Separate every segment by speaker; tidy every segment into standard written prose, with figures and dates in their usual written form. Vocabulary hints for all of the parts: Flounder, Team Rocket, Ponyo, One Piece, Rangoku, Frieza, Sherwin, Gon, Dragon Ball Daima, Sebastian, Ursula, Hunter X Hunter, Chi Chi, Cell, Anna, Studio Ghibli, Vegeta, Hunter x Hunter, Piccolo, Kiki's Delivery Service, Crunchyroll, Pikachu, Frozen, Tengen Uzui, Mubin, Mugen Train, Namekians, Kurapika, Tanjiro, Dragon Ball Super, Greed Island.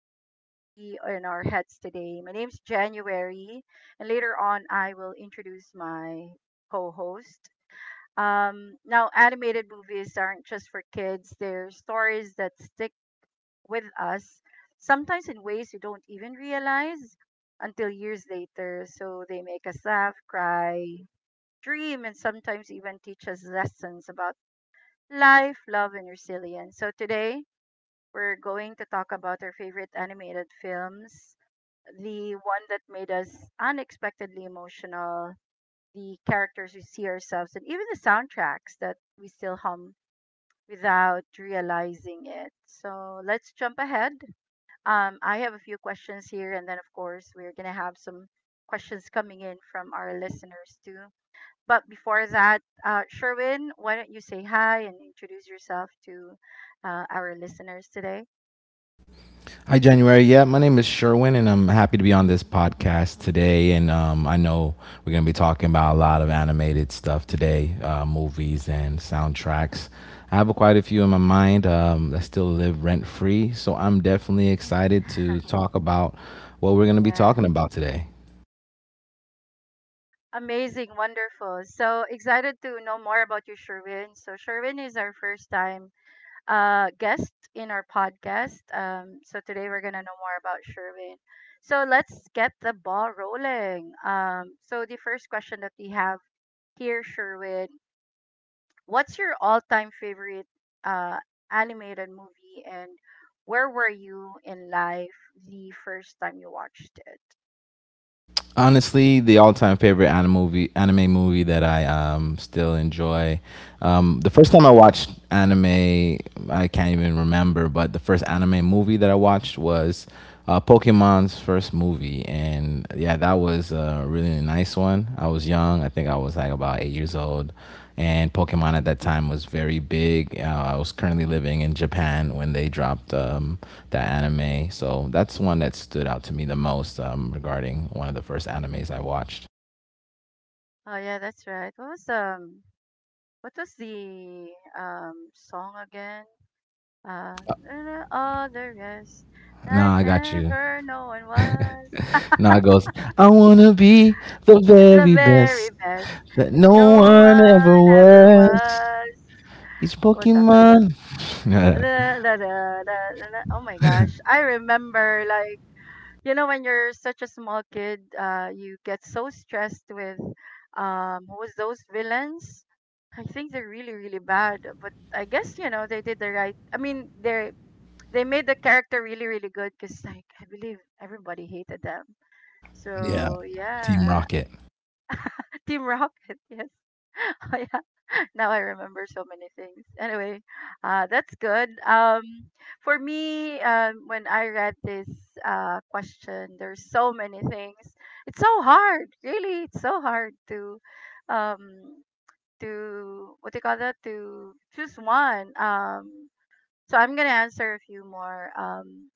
Speaker 1: rent free in our heads today. My name's January, and later on I will introduce my co-host. Now, animated movies aren't just for kids. They're stories that stick with us, sometimes in ways you don't even realize until years later. So they make us laugh, cry, dream, and sometimes even teach us lessons about life, love, and resilience. So today, we're going to talk about our favorite animated films, the one that made us unexpectedly emotional, the characters we see ourselves, and even the soundtracks that we still hum without realizing it. So let's jump ahead. I have a few questions here, and then, of course, we're going to have some questions coming in from our listeners too. But before that, Sherwin, why don't you say hi and introduce yourself to our listeners today?
Speaker 2: Hi, January. Yeah, my name is Sherwin, and I'm happy to be on this podcast today. And I know we're going to be talking about a lot of animated stuff today, movies and soundtracks. I have quite a few in my mind that still live rent free. So I'm definitely excited to talk about what we're going to be
Speaker 1: Yeah.
Speaker 2: talking about today.
Speaker 1: Amazing, wonderful. So excited to know more about you, Sherwin. So, Sherwin is our first time guest in our podcast. So, today we're going to know more about Sherwin. So let's get the ball rolling. So the first question that we have here, Sherwin. What's your all-time favorite uh, animated movie, and where were you in life the first time you watched it?
Speaker 2: Honestly, the all-time favorite anime movie that I still enjoy. The first time I watched anime, I can't even remember, but the first anime movie that I watched was Pokemon's first movie, and yeah, that was a really nice one. I was young; I think I was like about 8 years old, and Pokemon at that time was very big. I was currently living in Japan when they dropped the anime, so that's one that stood out to me the most regarding one of the first animes I watched.
Speaker 1: Oh yeah, that's right. What was the song again? Uh, and all the rest, like
Speaker 2: Nah, I got you.
Speaker 1: never no one was
Speaker 2: Now it goes, I wanna be the
Speaker 1: the
Speaker 2: very
Speaker 1: very
Speaker 2: best
Speaker 1: best,
Speaker 2: that
Speaker 1: like
Speaker 2: no
Speaker 1: no
Speaker 2: one
Speaker 1: one
Speaker 2: ever
Speaker 1: ever
Speaker 2: was.
Speaker 1: was.
Speaker 2: Each
Speaker 1: What's after da,
Speaker 2: Pokemon.
Speaker 1: da, da, da, da, da. Oh my gosh. I remember like when you're such a small kid, you get so stressed with who was those villains? I think they're really, really bad. But I guess they did the right I mean they made the character really, really good because like I believe everybody hated them.
Speaker 2: Yeah,
Speaker 1: So
Speaker 2: Team
Speaker 1: yeah.
Speaker 2: Rocket.
Speaker 1: Team Rocket, yes. Now I remember so many things. Anyway, that's good. For me, when I read this question, there's so many things. It's so hard, really. It's so hard um, to what do you call that? To choose one. So I'm gonna answer a few more.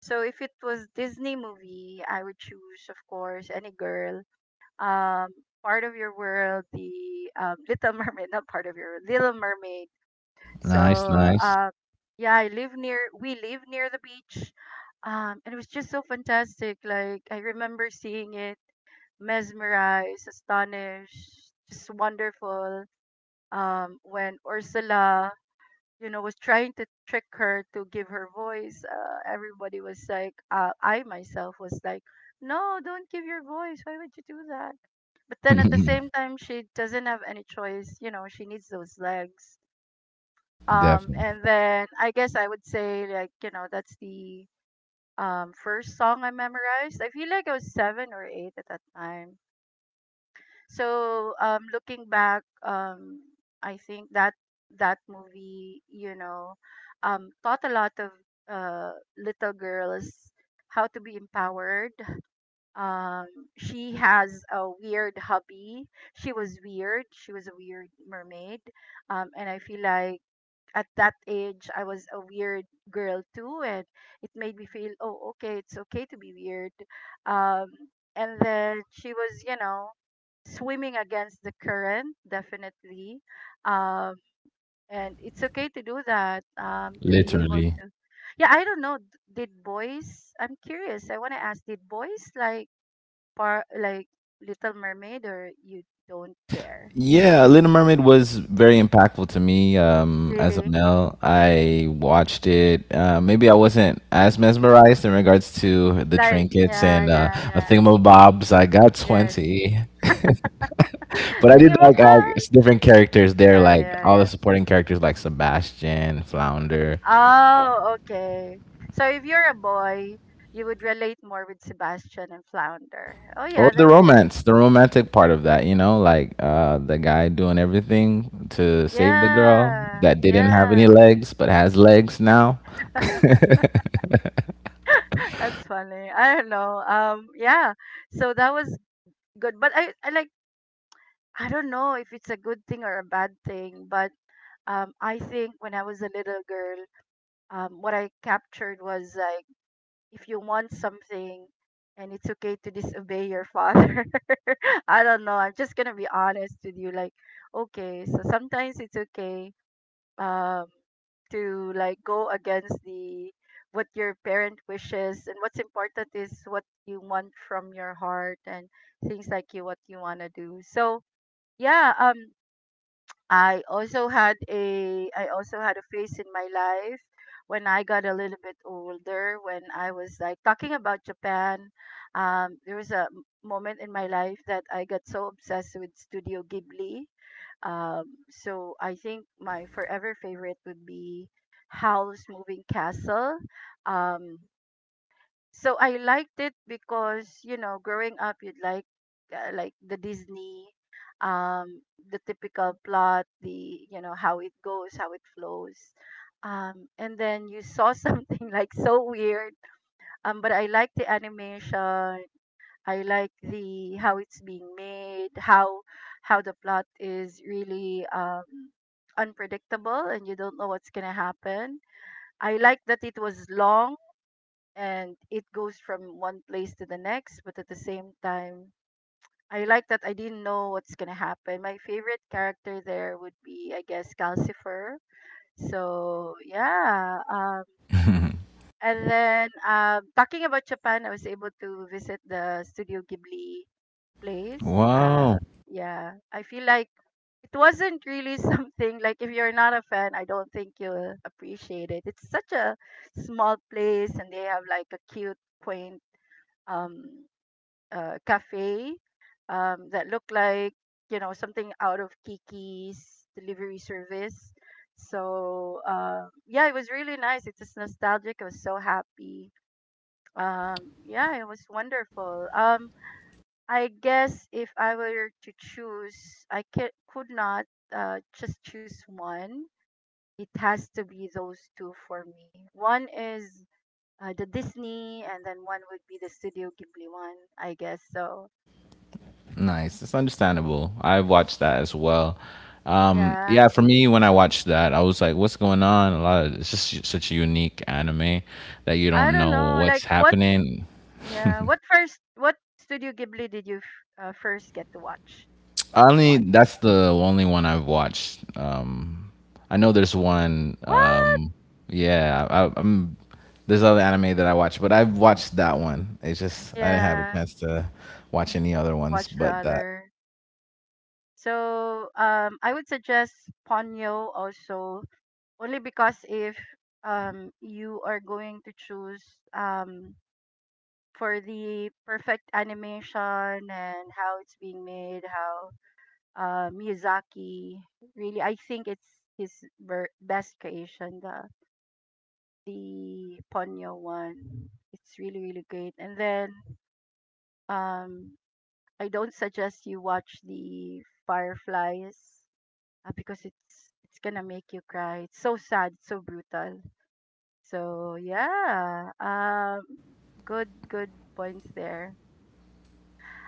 Speaker 1: So if it was Disney movie, I would choose, of course, any girl um, part of your world, the Little Mermaid, not part of your world, Little Mermaid.
Speaker 2: Nice,
Speaker 1: So
Speaker 2: nice.
Speaker 1: yeah, we live near the beach, and it was just so fantastic. Like I remember seeing it, mesmerized, astonished, just wonderful. When Ursula was trying to trick her to give her voice, I myself was like, no, don't give your voice. Why would you do that? But then at the same time, she doesn't have any choice. She needs those legs.
Speaker 2: Definitely.
Speaker 1: And then I guess I would say that's the first song I memorized. I feel like I was seven or eight at that time. So looking back, I think that that movie, taught a lot of little girls how to be empowered. um she has a weird hubby. She was weird. She was a weird mermaid. And I feel like at that age I was a weird girl too, and it made me feel, oh, okay, it's okay to be weird. um and then she was swimming against the current, definitely. um and it's okay to do that, to be able
Speaker 2: Literally.
Speaker 1: to, yeah, I don't know. Did boys, I'm curious, I want to ask, did boys like par like Little Mermaid, or you don't care?
Speaker 2: Yeah, Little Mermaid was very impactful to me as a
Speaker 1: Really?
Speaker 2: male. I
Speaker 1: Mm,
Speaker 2: watched it. Maybe I wasn't as mesmerized in regards to the
Speaker 1: like
Speaker 2: trinkets
Speaker 1: yeah,
Speaker 2: and
Speaker 1: yeah,
Speaker 2: a
Speaker 1: yeah.
Speaker 2: thingamabobs. I got
Speaker 1: Yes.
Speaker 2: 20. But I
Speaker 1: Thinking
Speaker 2: did
Speaker 1: about
Speaker 2: like
Speaker 1: us.
Speaker 2: different characters there,
Speaker 1: Yeah,
Speaker 2: like
Speaker 1: yeah,
Speaker 2: all the
Speaker 1: yeah.
Speaker 2: supporting characters like Sebastian, Flounder.
Speaker 1: Oh, okay. So if you're a boy, you would relate more with Sebastian and Flounder. Oh
Speaker 2: Or
Speaker 1: yeah, they
Speaker 2: the
Speaker 1: were right.
Speaker 2: romance, the romantic part of that, you know, like the guy doing everything to save the girl
Speaker 1: Yeah,
Speaker 2: that didn't have any
Speaker 1: yeah.
Speaker 2: legs but has legs now.
Speaker 1: That's funny. I don't know. Yeah. So that was good, but I don't know if it's a good thing or a bad thing, but I think when I was a little girl, what I captured was like, if you want something and it's okay to disobey your father. I don't know. I'm just going to be honest with you. Like, okay, so sometimes it's okay, um, to like go against the what your parent wishes, and what's important is what you want from your heart and things like you what you want to do. So yeah. I also had a phase in my life when I got a little bit older, when I was like talking about Japan. There was a moment in my life that I got so obsessed with Studio Ghibli. Um, so I think my forever favorite would be Howl's Moving Castle. Um, so I liked it because growing up, you'd like the Disney, um, the typical plot, the you know how it goes, how it flows, and then you saw something like so weird. But I like the animation. I like the how it's being made, how the plot is really unpredictable, and you don't know what's gonna happen. I like that it was long and it goes from one place to the next, but at the same time I like that I didn't know what's gonna happen. My favorite character there would be, I guess, Calcifer. So yeah. And then, talking about Japan, I was able to visit the Studio Ghibli place.
Speaker 2: Wow,
Speaker 1: Yeah, I feel like it wasn't really something like, if you're not a fan, I don't think you'll appreciate it. It's such a small place, and they have like a cute quaint um cafe that looked like something out of Kiki's Delivery Service. So yeah, it was really nice. It's just nostalgic. I was so happy. Um, yeah, it was wonderful. I guess if I were to choose, I ca could not just choose one. It has to be those two for me. One is the Disney, and then one would be the Studio Ghibli one, I guess. So
Speaker 2: nice. It's understandable. I've watched that as well.
Speaker 1: yeah.
Speaker 2: Yeah, for me, when I watched that, I was like, "What's going on?" A lot of it's just such a unique anime that you
Speaker 1: I
Speaker 2: don't
Speaker 1: don't
Speaker 2: know
Speaker 1: know.
Speaker 2: what's
Speaker 1: Like what?
Speaker 2: happening.
Speaker 1: Yeah. What first? What Studio Ghibli did you first get to watch? Which
Speaker 2: Only
Speaker 1: one?
Speaker 2: that's the only one I've watched. I know there's one.
Speaker 1: What?
Speaker 2: Yeah, I, I'm. There's other anime that I watch, but I've watched that one. It's just I didn't have a
Speaker 1: Yeah.
Speaker 2: chance to watch any other ones
Speaker 1: Watch the
Speaker 2: but that.
Speaker 1: other. So I would suggest Ponyo also, only because if you are going to choose, um for the perfect animation and how it's being made, how Miyazaki really, I think it's his best creation. The Ponyo one. It's really really great. And then um I don't suggest you watch the Fireflies, because it's gonna make you cry. It's so sad, it's so brutal. So yeah, good good points there.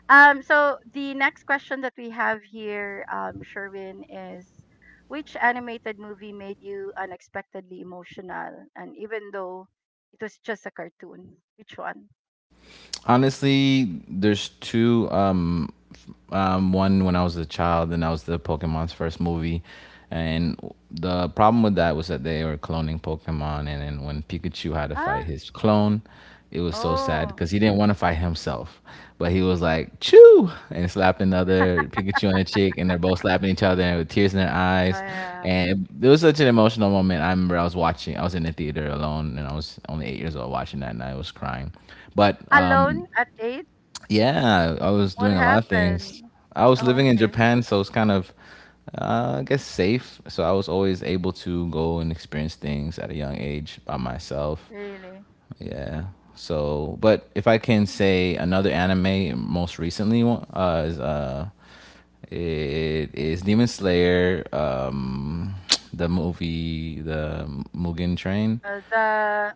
Speaker 1: So the next question that we have here, Sherwin, is which animated movie made you unexpectedly emotional? And even though it was just a cartoon, which one?
Speaker 2: Honestly, there's two. One when I was a child, and that was the Pokemon's first movie. And the problem with that was that they were cloning Pokemon, and then when Pikachu had to fight
Speaker 1: Ah,
Speaker 2: his clone, it was so sad
Speaker 1: oh,
Speaker 2: because he didn't want to fight himself, but he was like "choo" and slapping the other Pikachu on the cheek, and they're both slapping each other and with tears in their eyes,
Speaker 1: uh,
Speaker 2: and it was such an emotional moment. I remember I was watching, I was in the theater alone, and I was only 8 years old watching that, and I was crying. But
Speaker 1: Alone at Eight.
Speaker 2: yeah, I was
Speaker 1: What
Speaker 2: doing a lot of things.
Speaker 1: happened?
Speaker 2: I was
Speaker 1: Oh,
Speaker 2: living in
Speaker 1: okay,
Speaker 2: Japan, so it's kind of, I guess, safe. So I was always able to go and experience things at a young age by myself.
Speaker 1: really?
Speaker 2: Yeah. So, but if I can say another anime, most recently one, is it is Demon Slayer. The movie, the Mugen Train.
Speaker 1: Uh, the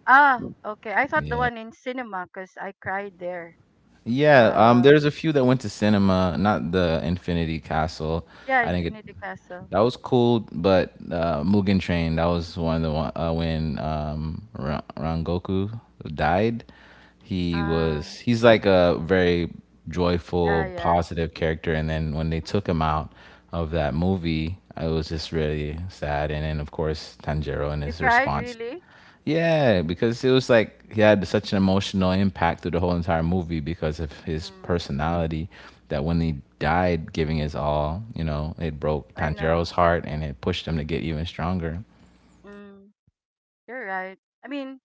Speaker 1: ah, okay. I thought the
Speaker 2: Yeah.
Speaker 1: one in cinema because I cried there.
Speaker 2: Yeah,
Speaker 1: Um,
Speaker 2: there's a few that went to cinema, not the Infinity Castle.
Speaker 1: yeah,
Speaker 2: I didn't get
Speaker 1: Infinity Castle.
Speaker 2: that was cool, but Mugen Train that was one of the one when Rangoku died. He
Speaker 1: Ah,
Speaker 2: was he's like a very
Speaker 1: yeah,
Speaker 2: joyful,
Speaker 1: yeah.
Speaker 2: positive character, and then when they took him out of that movie, it was just really sad. And then of course Tanjiro and
Speaker 1: You
Speaker 2: his
Speaker 1: cried
Speaker 2: response,
Speaker 1: really?
Speaker 2: yeah, because it was like he had such an emotional impact through the whole entire movie because of his
Speaker 1: Hmm.
Speaker 2: personality that when he died giving his all, you know, it broke
Speaker 1: I
Speaker 2: Tanjiro's
Speaker 1: know.
Speaker 2: heart and it pushed him to get even stronger.
Speaker 1: Mm, you're right. I mean,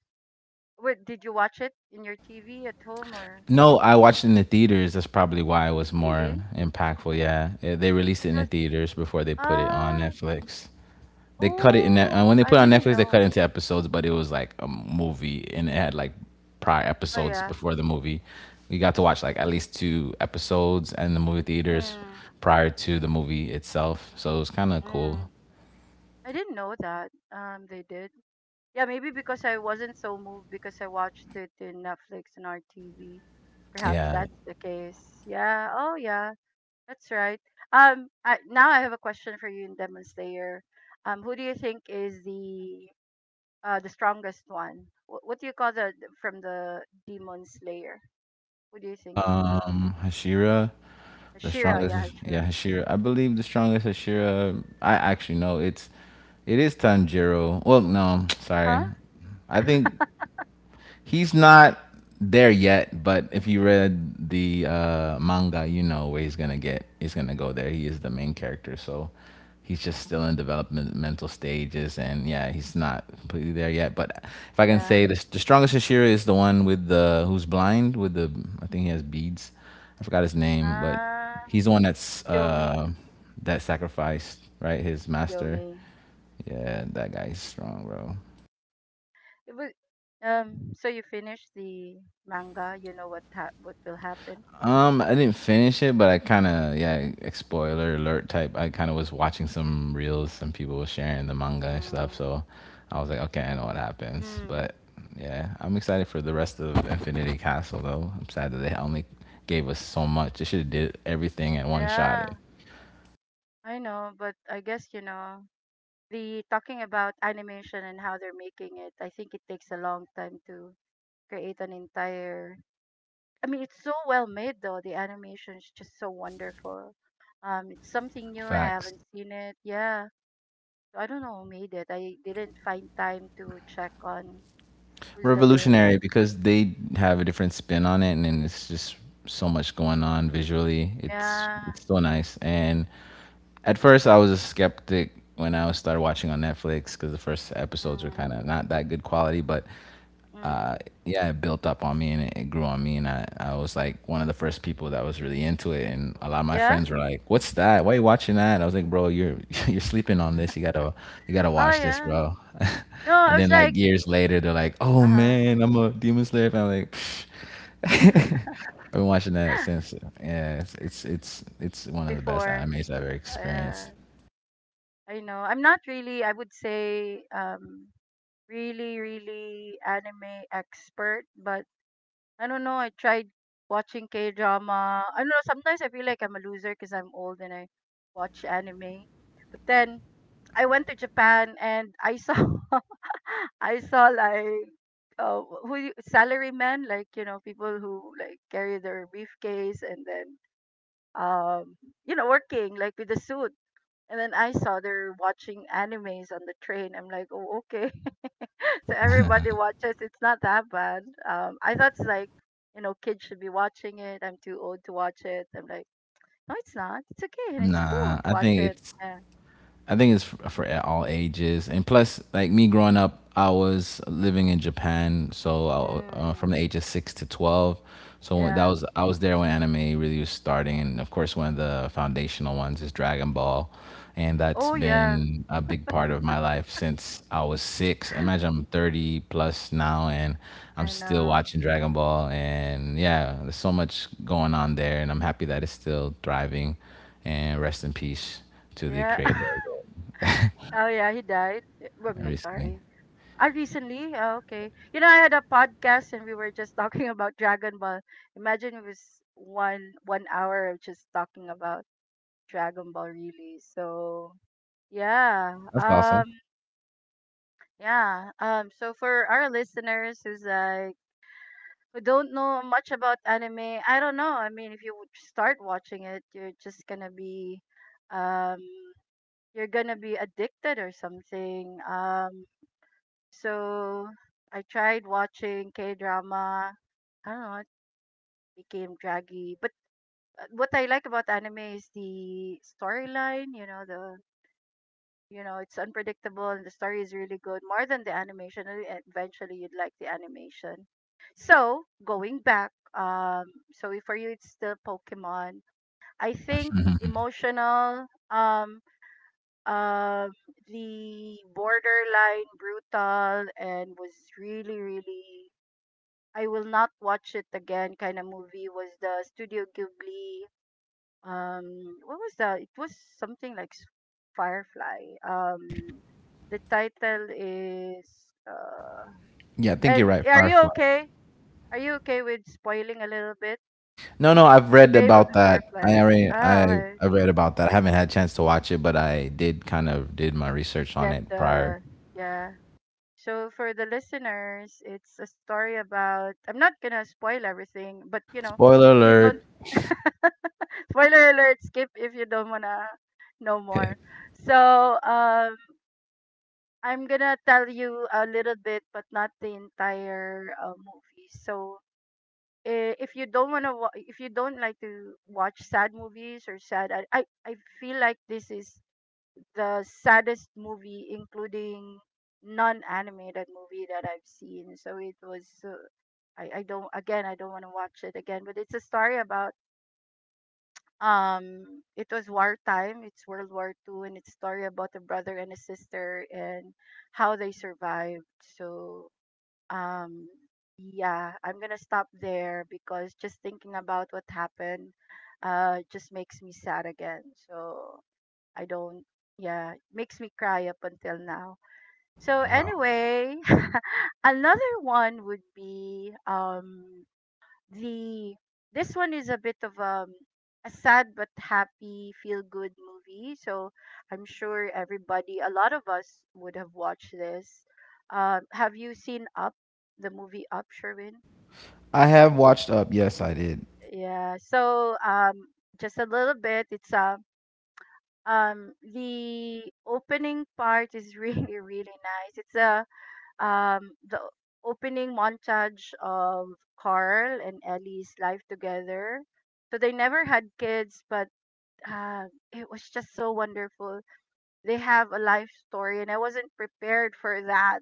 Speaker 1: wait. Did you watch it in your TV at home or
Speaker 2: No, I watched it in the theaters. That's probably why it was more
Speaker 1: really?
Speaker 2: impactful. Yeah. Yeah, they released
Speaker 1: It
Speaker 2: it in the
Speaker 1: was,
Speaker 2: theaters before they put it on
Speaker 1: ah
Speaker 2: Netflix. They cut it in that. And
Speaker 1: oh,
Speaker 2: when they
Speaker 1: I
Speaker 2: put it on
Speaker 1: didn't
Speaker 2: Netflix, they cut
Speaker 1: know.
Speaker 2: it into episodes, but it was like a movie, and it had like prior
Speaker 1: Oh
Speaker 2: episodes
Speaker 1: yeah.
Speaker 2: before the movie. We got to watch like at least two episodes in the movie theaters
Speaker 1: Mm,
Speaker 2: prior to the movie itself, so it was kind of cool.
Speaker 1: mm. I didn't know that. They did. Yeah, maybe because I wasn't so moved because I watched it in Netflix and our TV. Perhaps
Speaker 2: Yeah.
Speaker 1: that's the case. Yeah. Oh yeah. That's right. Now I have a question for you in Demon Slayer. Who do you think is the strongest one? What do you call from the demon slayer? What do you think is the
Speaker 2: Hashira, the
Speaker 1: Shira? Yeah,
Speaker 2: strongest. Yeah,
Speaker 1: Shira.
Speaker 2: Hashira. I believe the strongest Hashira. I actually know it's. It is Tanjiro. Well, no, sorry.
Speaker 1: Huh?
Speaker 2: I think he's not there yet, but if you read the manga, you know where he's gonna get. He's gonna go there. He is the main character, so he's just still in developmental stages, and yeah, he's not completely there yet. But if I can
Speaker 1: Yeah.
Speaker 2: say this, the strongest Hashira is the one with the who's blind with the. I think he has beads. I forgot his name, but
Speaker 1: Ah,
Speaker 2: he's the one that's
Speaker 1: Yomi,
Speaker 2: that sacrificed right his master.
Speaker 1: Yomi.
Speaker 2: Yeah, that guy's strong, bro.
Speaker 1: It was. So you finish the manga. You know what will happen.
Speaker 2: I didn't finish it, but I kind of yeah, like, spoiler alert type. I kind of was watching some reels, some people were sharing the manga and stuff,
Speaker 1: Mm.
Speaker 2: so I was like, okay, I know what happens.
Speaker 1: Mm.
Speaker 2: But yeah, I'm excited for the rest of Infinity Castle though. I'm sad that they only gave us so much. They should have did everything at one shot.
Speaker 1: Yeah, I know, but I guess, you know the talking about animation and how they're making it. I think it takes a long time to create an entire. I mean, it's so well made though. The animation is just so wonderful. It's something new. I
Speaker 2: Facts.
Speaker 1: haven't seen it. Yeah, so I don't know who made it. I didn't find time to check on who's the main.
Speaker 2: Revolutionary because they have a different spin on it, and then it's just so much going on visually. It's
Speaker 1: Yeah.
Speaker 2: it's so nice and at first, I was a skeptic when I started watching on Netflix because the first episodes were kind
Speaker 1: Mm,
Speaker 2: of not that good quality. But uh,
Speaker 1: mm.
Speaker 2: yeah, it built up on me and it grew on me, and I was like one of the first people that was really into it. And a lot of my
Speaker 1: Yeah.
Speaker 2: friends were like, "What's that? Why you watching that?" And I was like, "Bro, you're you're sleeping on this. You gotta
Speaker 1: Oh
Speaker 2: watch this,
Speaker 1: yeah.
Speaker 2: bro."
Speaker 1: No,
Speaker 2: And
Speaker 1: I was
Speaker 2: then like
Speaker 1: like,
Speaker 2: years later, they're like, "Oh
Speaker 1: uh huh.
Speaker 2: man, I'm a Demon Slayer fan." I'm like. Psh. I've been watching that since yeah, it's, it's it's it's one of the best
Speaker 1: Before,
Speaker 2: animes I've ever
Speaker 1: uh,
Speaker 2: experienced.
Speaker 1: I know. I'm not really. I would say, really, really anime expert, but I don't know. I tried watching K drama. I don't know. Sometimes I feel like I'm a loser because I'm old and I watch anime. But then I went to Japan and I saw I saw like who salarymen, like people who like carry their briefcase, and then um working like with a suit. And then I saw they're watching animes on the train. I'm like, oh, okay. So everybody watches. It's not that bad. I thought it's like, kids should be watching it. I'm too old to watch it. I'm like, no, it's not. It's okay and it's cool
Speaker 2: Nah,
Speaker 1: to
Speaker 2: I
Speaker 1: watch
Speaker 2: think
Speaker 1: it.
Speaker 2: it's
Speaker 1: Yeah.
Speaker 2: I think it's for, for all ages, and plus, like me growing up, I was living in Japan, so I,
Speaker 1: Mm,
Speaker 2: from the age of 6 to 12, so that
Speaker 1: yeah.
Speaker 2: was I was there when anime really was starting, and of course, one of the foundational ones is Dragon Ball, and that's
Speaker 1: Oh yeah.
Speaker 2: been a big part of my life since I was six. Imagine I'm 30 plus now, and I'm
Speaker 1: I
Speaker 2: still
Speaker 1: know.
Speaker 2: watching Dragon Ball, and yeah, there's so much going on there, and I'm happy that it's still thriving and rest in peace to the
Speaker 1: Yeah.
Speaker 2: creator of it
Speaker 1: Oh yeah. He died. Yeah, I mean, I'm
Speaker 2: recently.
Speaker 1: sorry. I recently. Oh, okay. You know, I had a podcast and we were just talking about Dragon Ball. Imagine it was one hour of just talking about Dragon Ball. Really. So yeah.
Speaker 2: That's awesome.
Speaker 1: Yeah. So for our listeners, who don't know much about anime, I don't know. I mean, if you would start watching it, you're just gonna be, um, you're gonna be addicted or something. So I tried watching K drama. I don't know. It became draggy, but what I like about anime is the storyline. You know it's unpredictable, and the story is really good, more than the animation. And eventually you'd like the animation. So going back, so if for you it's still Pokemon, I think, emotional, um the borderline brutal and was really, really "I will not watch it again" kind of movie was the Studio Ghibli. um what was that? It was something like Firefly. The title is uh
Speaker 2: Yeah, I think you're
Speaker 1: and
Speaker 2: right. Firefly.
Speaker 1: are you okay with spoiling a little bit?
Speaker 2: No, no, I've read
Speaker 1: Grave of
Speaker 2: about
Speaker 1: the
Speaker 2: that. I
Speaker 1: Fireflies,
Speaker 2: already,
Speaker 1: ah, okay.
Speaker 2: I read about that. I haven't had a chance to watch it, but I did kind of did my research on
Speaker 1: Get
Speaker 2: it prior.
Speaker 1: the, yeah. So for the listeners, it's a story about, I'm not gonna spoil everything, but
Speaker 2: Spoiler
Speaker 1: if you don't
Speaker 2: alert.
Speaker 1: spoiler alert, skip if you don't wanna know more. So I'm gonna tell you a little bit, but not the entire movie. So if you don't wanna, if you don't like to watch sad movies or sad, I feel like this is the saddest movie, including non-animated movie, that I've seen. So it was, I don't again, I don't wanna watch it again. But it's a story about, it was wartime. It's World War Two, and it's story about a brother and a sister and how they survived. So um yeah, I'm gonna stop there because just thinking about what happened just makes me sad again. So I don't. Yeah, makes me cry up until now. So
Speaker 2: Wow.
Speaker 1: anyway, another one would be the this one is a bit of a sad but happy feel good movie. So I'm sure everybody, a lot of us would have watched this. Have you seen Up, the movie Up, Sherwin?
Speaker 2: I
Speaker 1: Y-
Speaker 2: have watched up. Yes, I did.
Speaker 1: yeah. So just a little bit. It's a, the opening part is really really nice. It's a, the opening montage of Carl and Ellie's life together. So they never had kids, but uh, it was just so wonderful. They have a life story, and I wasn't prepared for that.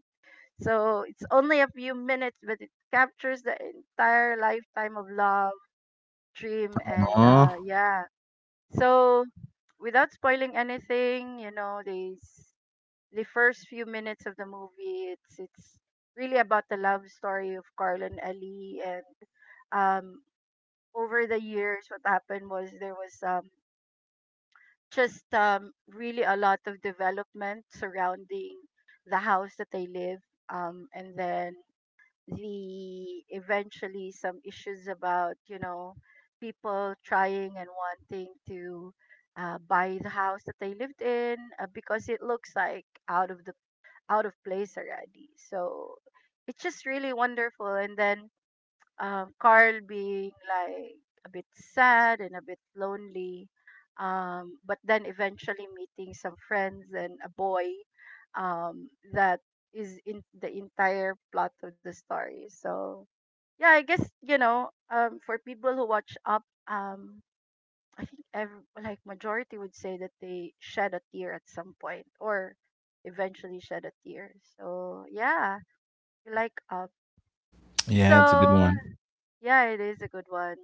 Speaker 1: So it's only a few minutes, but it captures the entire lifetime of love, dream, and
Speaker 2: Aw.
Speaker 1: yeah. So without spoiling anything, you know, they, the first few minutes of the movie, it's really about the love story of Carl and Ali, and um over the years what happened was, there was just really a lot of development surrounding the house that they live. And then the, eventually some issues about, you know, people trying and wanting to buy the house that they lived in, because it looks like out of the, out of place already. So it's just really wonderful. And then Carl being like a bit sad and a bit lonely, but then eventually meeting some friends and a boy that is in the entire plot of the story. So yeah, I guess you know, for people who watch Up, um, I think every, like, majority would say that they shed a tear at some point, or eventually shed a tear. So yeah, we like Up.
Speaker 2: Yeah, it's a good
Speaker 1: So
Speaker 2: one.
Speaker 1: yeah, it is a good one.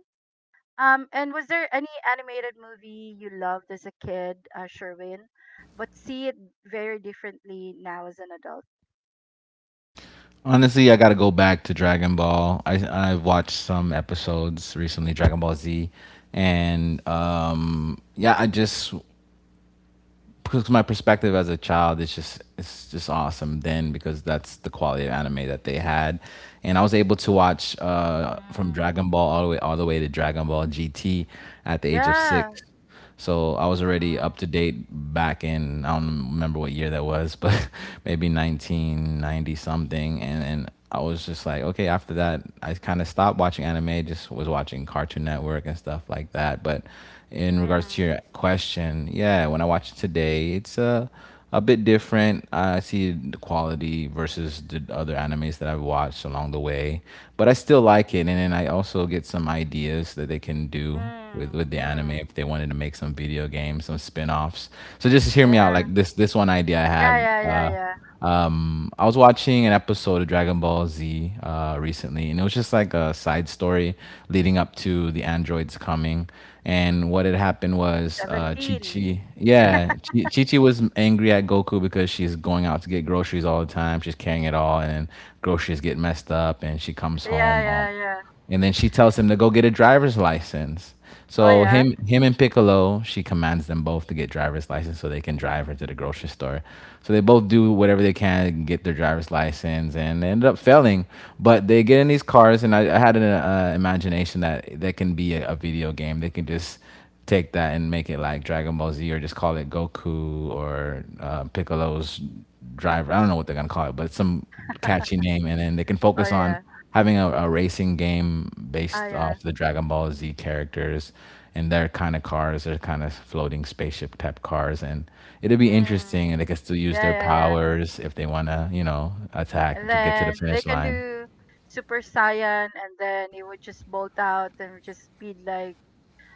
Speaker 1: And was there any animated movie you loved as a kid, Sherwin, but see it very differently now as an adult?
Speaker 2: Honestly, I got to go back to Dragon Ball. I've watched some episodes recently, Dragon Ball Z, and yeah, I just because my perspective as a child is just it's just awesome then because that's the quality of anime that they had and I was able to watch from
Speaker 1: Mm.
Speaker 2: Dragon Ball all the way to Dragon Ball GT at the age of
Speaker 1: Yeah.
Speaker 2: six, so I was already up to date back in I don't remember what year that was but maybe 1990 something and I was just like okay after that I kind of stopped watching anime, just was watching Cartoon Network and stuff like that. But in regards to
Speaker 1: Mm,
Speaker 2: your question, yeah, when I watch it today, it's a bit different. I see the quality versus the other animes that I've watched along the way, but I still like it. And then I also get some ideas that they can do with
Speaker 1: mm,
Speaker 2: the
Speaker 1: mm.
Speaker 2: anime if they wanted to make some video games, some spin offs. So just hear me out.
Speaker 1: Yeah.
Speaker 2: Like this one idea I have.
Speaker 1: Yeah, yeah, yeah,
Speaker 2: uh,
Speaker 1: yeah.
Speaker 2: I was watching an episode of Dragon Ball Z recently, and it was just like a side story leading up to the androids coming. And what had happened was Chi
Speaker 1: 17.
Speaker 2: Chi, yeah, Chi Chi was angry at Goku because she's going out to get groceries all the time. She's carrying it all, and then groceries get messed up, and she comes
Speaker 1: Yeah,
Speaker 2: home. All
Speaker 1: yeah, yeah.
Speaker 2: and then she tells him to go get a driver's license.
Speaker 1: Oh,
Speaker 2: So
Speaker 1: yeah.
Speaker 2: him and Piccolo, she commands them both to get driver's license so they can drive her to the grocery store. So they both do whatever they can to get their driver's license, and they ended up failing. But they get in these cars, and I had an imagination that that can be a video game. They can just take that and make it like Dragon Ball Z or just call it Goku or Piccolo's driver. I don't know what they're gonna call it, but some catchy name, and then they can
Speaker 1: Oh,
Speaker 2: focus on
Speaker 1: yeah.
Speaker 2: having a racing game
Speaker 1: Ah,
Speaker 2: based
Speaker 1: yeah.
Speaker 2: off the Dragon Ball Z characters and their kind of cars, their kind of floating spaceship type cars, and it'll be
Speaker 1: Mm.
Speaker 2: interesting. And they can still use
Speaker 1: Yeah,
Speaker 2: their
Speaker 1: yeah, yeah.
Speaker 2: powers if they wanna, attack
Speaker 1: And
Speaker 2: to get to the
Speaker 1: then they
Speaker 2: finish
Speaker 1: can
Speaker 2: line.
Speaker 1: do Super Saiyan, and then it would just bolt out and would just speed like,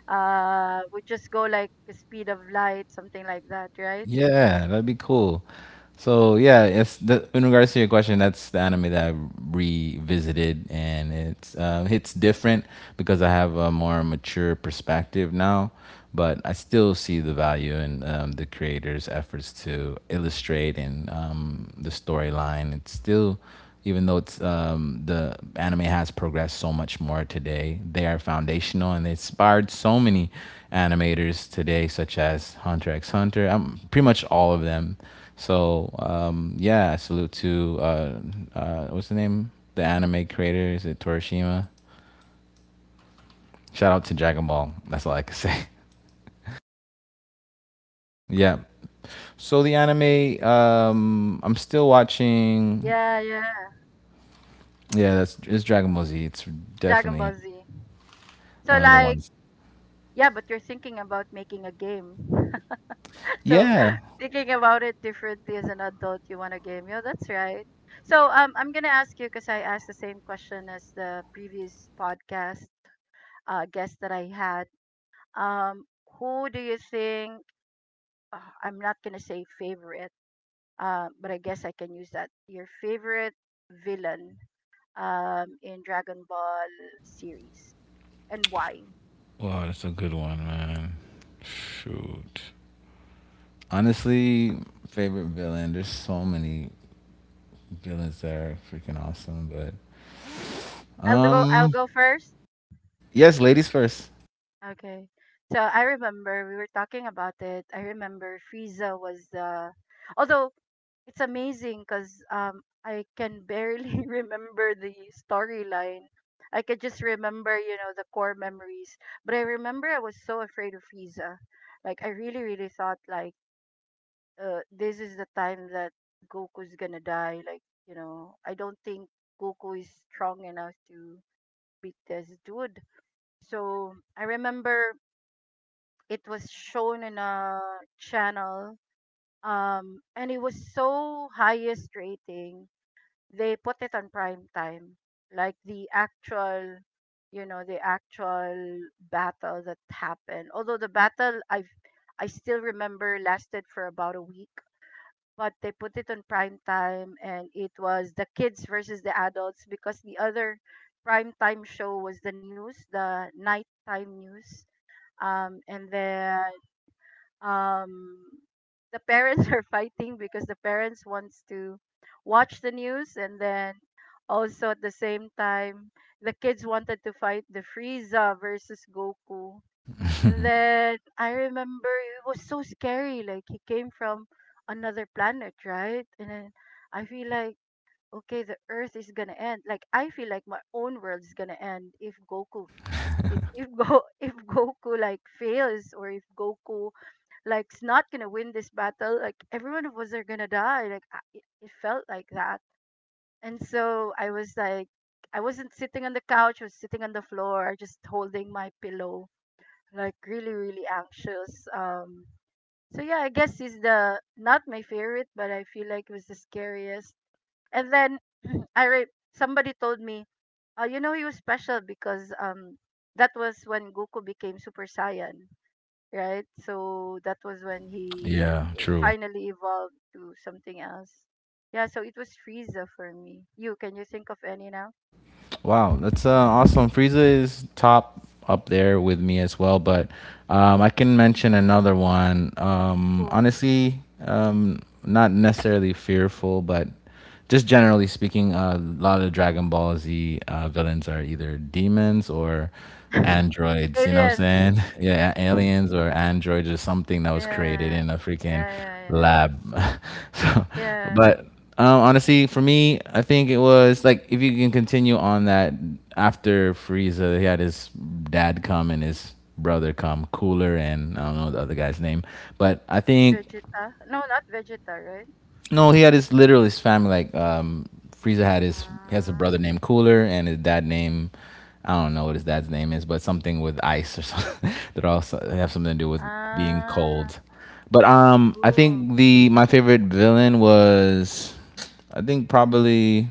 Speaker 1: would just go like the speed of light, something like that, right?
Speaker 2: Yeah, that'd be cool. So yeah, in regards to your question, that's the anime that I revisited, and it's different because I have a more mature perspective now. But I still see the value in the creator's efforts to illustrate and the storyline. It's still even though it's the anime has progressed so much more today, they are foundational and they inspired so many animators today, such as Hunter x Hunter, pretty much all of them. So yeah, salute to what's the name? The anime creator, is it Torishima? Shout out to Dragon Ball. That's all I can say. Yeah. So the anime, I'm still watching.
Speaker 1: Yeah, yeah.
Speaker 2: Yeah, that's it's Dragon Ball Z. It's
Speaker 1: Dragon Ball
Speaker 2: definitely
Speaker 1: Z. So
Speaker 2: one of the
Speaker 1: like,
Speaker 2: ones.
Speaker 1: yeah, but you're thinking about making a game. So
Speaker 2: Yeah.
Speaker 1: thinking about it differently as an adult, you want a game. Yeah, that's right. So I'm gonna ask you because I asked the same question as the previous podcast guest that I had. Um, who do you think? I'm not gonna say favorite, but I guess I can use that. Your favorite villain, in Dragon Ball series, and why?
Speaker 2: Wow, that's a good one, man. Shoot. Honestly, favorite villain. There's so many villains that are freaking awesome, but
Speaker 1: I'll go. I'll go first.
Speaker 2: yes, ladies first.
Speaker 1: Okay. So I remember we were talking about it. I remember Frieza was the, although it's amazing because I can barely remember the storyline. I could just remember, you know, the core memories. But I remember I was so afraid of Frieza. Like I really, really thought like this is the time that Goku's gonna die. Like, you know, I don't think Goku is strong enough to beat this dude. So I remember it was shown in a channel and it was so highest rating, they put it on prime time, like the actual, you know, the actual battle that happened. Although the battle, I still remember, lasted for about a week, but they put it on prime time and it was the kids versus the adults because the other prime time show was the news, the nighttime news. And then um the parents are fighting because the parents wants to watch the news, and then also at the same time the kids wanted to fight the Frieza versus Goku. And then I remember it was so scary, like he came from another planet, right? And then I feel like, okay, the earth is going to end. Like I feel like my own world is going to end if Goku, if Go, if Goku like fails, or if Goku like it's not gonna win this battle. Like everyone of us are gonna die. Like I, it felt like that, and so I was like, I wasn't sitting on the couch. I was sitting on the floor, just holding my pillow, like really, really anxious. So yeah, I guess it's the not my favorite, but I feel like it was the scariest. And then I re- somebody told me, "Oh, you know, he was special because that was when Goku became Super Saiyan." Right? So that was when he
Speaker 2: Yeah, true.
Speaker 1: finally evolved to something else. Yeah, so it was Frieza for me. You, can you think of any now?
Speaker 2: Wow, that's awesome. Frieza is top up there with me as well, but I can mention another one.
Speaker 1: Who?
Speaker 2: Honestly, not necessarily fearful, but just generally speaking, a lot of Dragon Ball Z villains are either demons or androids. You know what
Speaker 1: Aliens.
Speaker 2: I'm saying? Yeah, aliens or androids or something that was created
Speaker 1: Yeah.
Speaker 2: in a freaking
Speaker 1: Yeah, yeah, yeah.
Speaker 2: lab. So,
Speaker 1: Yeah.
Speaker 2: but. Honestly, for me, I think it was like if you can continue on that after Frieza, he had his dad come and his brother come, Cooler, and I don't know the other guy's name, but I think.
Speaker 1: Vegeta. No, not Vegeta, right?
Speaker 2: No, he had his literally his family. Like Frieza, had his he has a
Speaker 1: Ah.
Speaker 2: brother named Cooler and his dad named, I don't know what his dad's name is, but something with ice or something that also have something to do with being
Speaker 1: Ah.
Speaker 2: cold. But I
Speaker 1: Ooh.
Speaker 2: think the my favorite villain was, I think, probably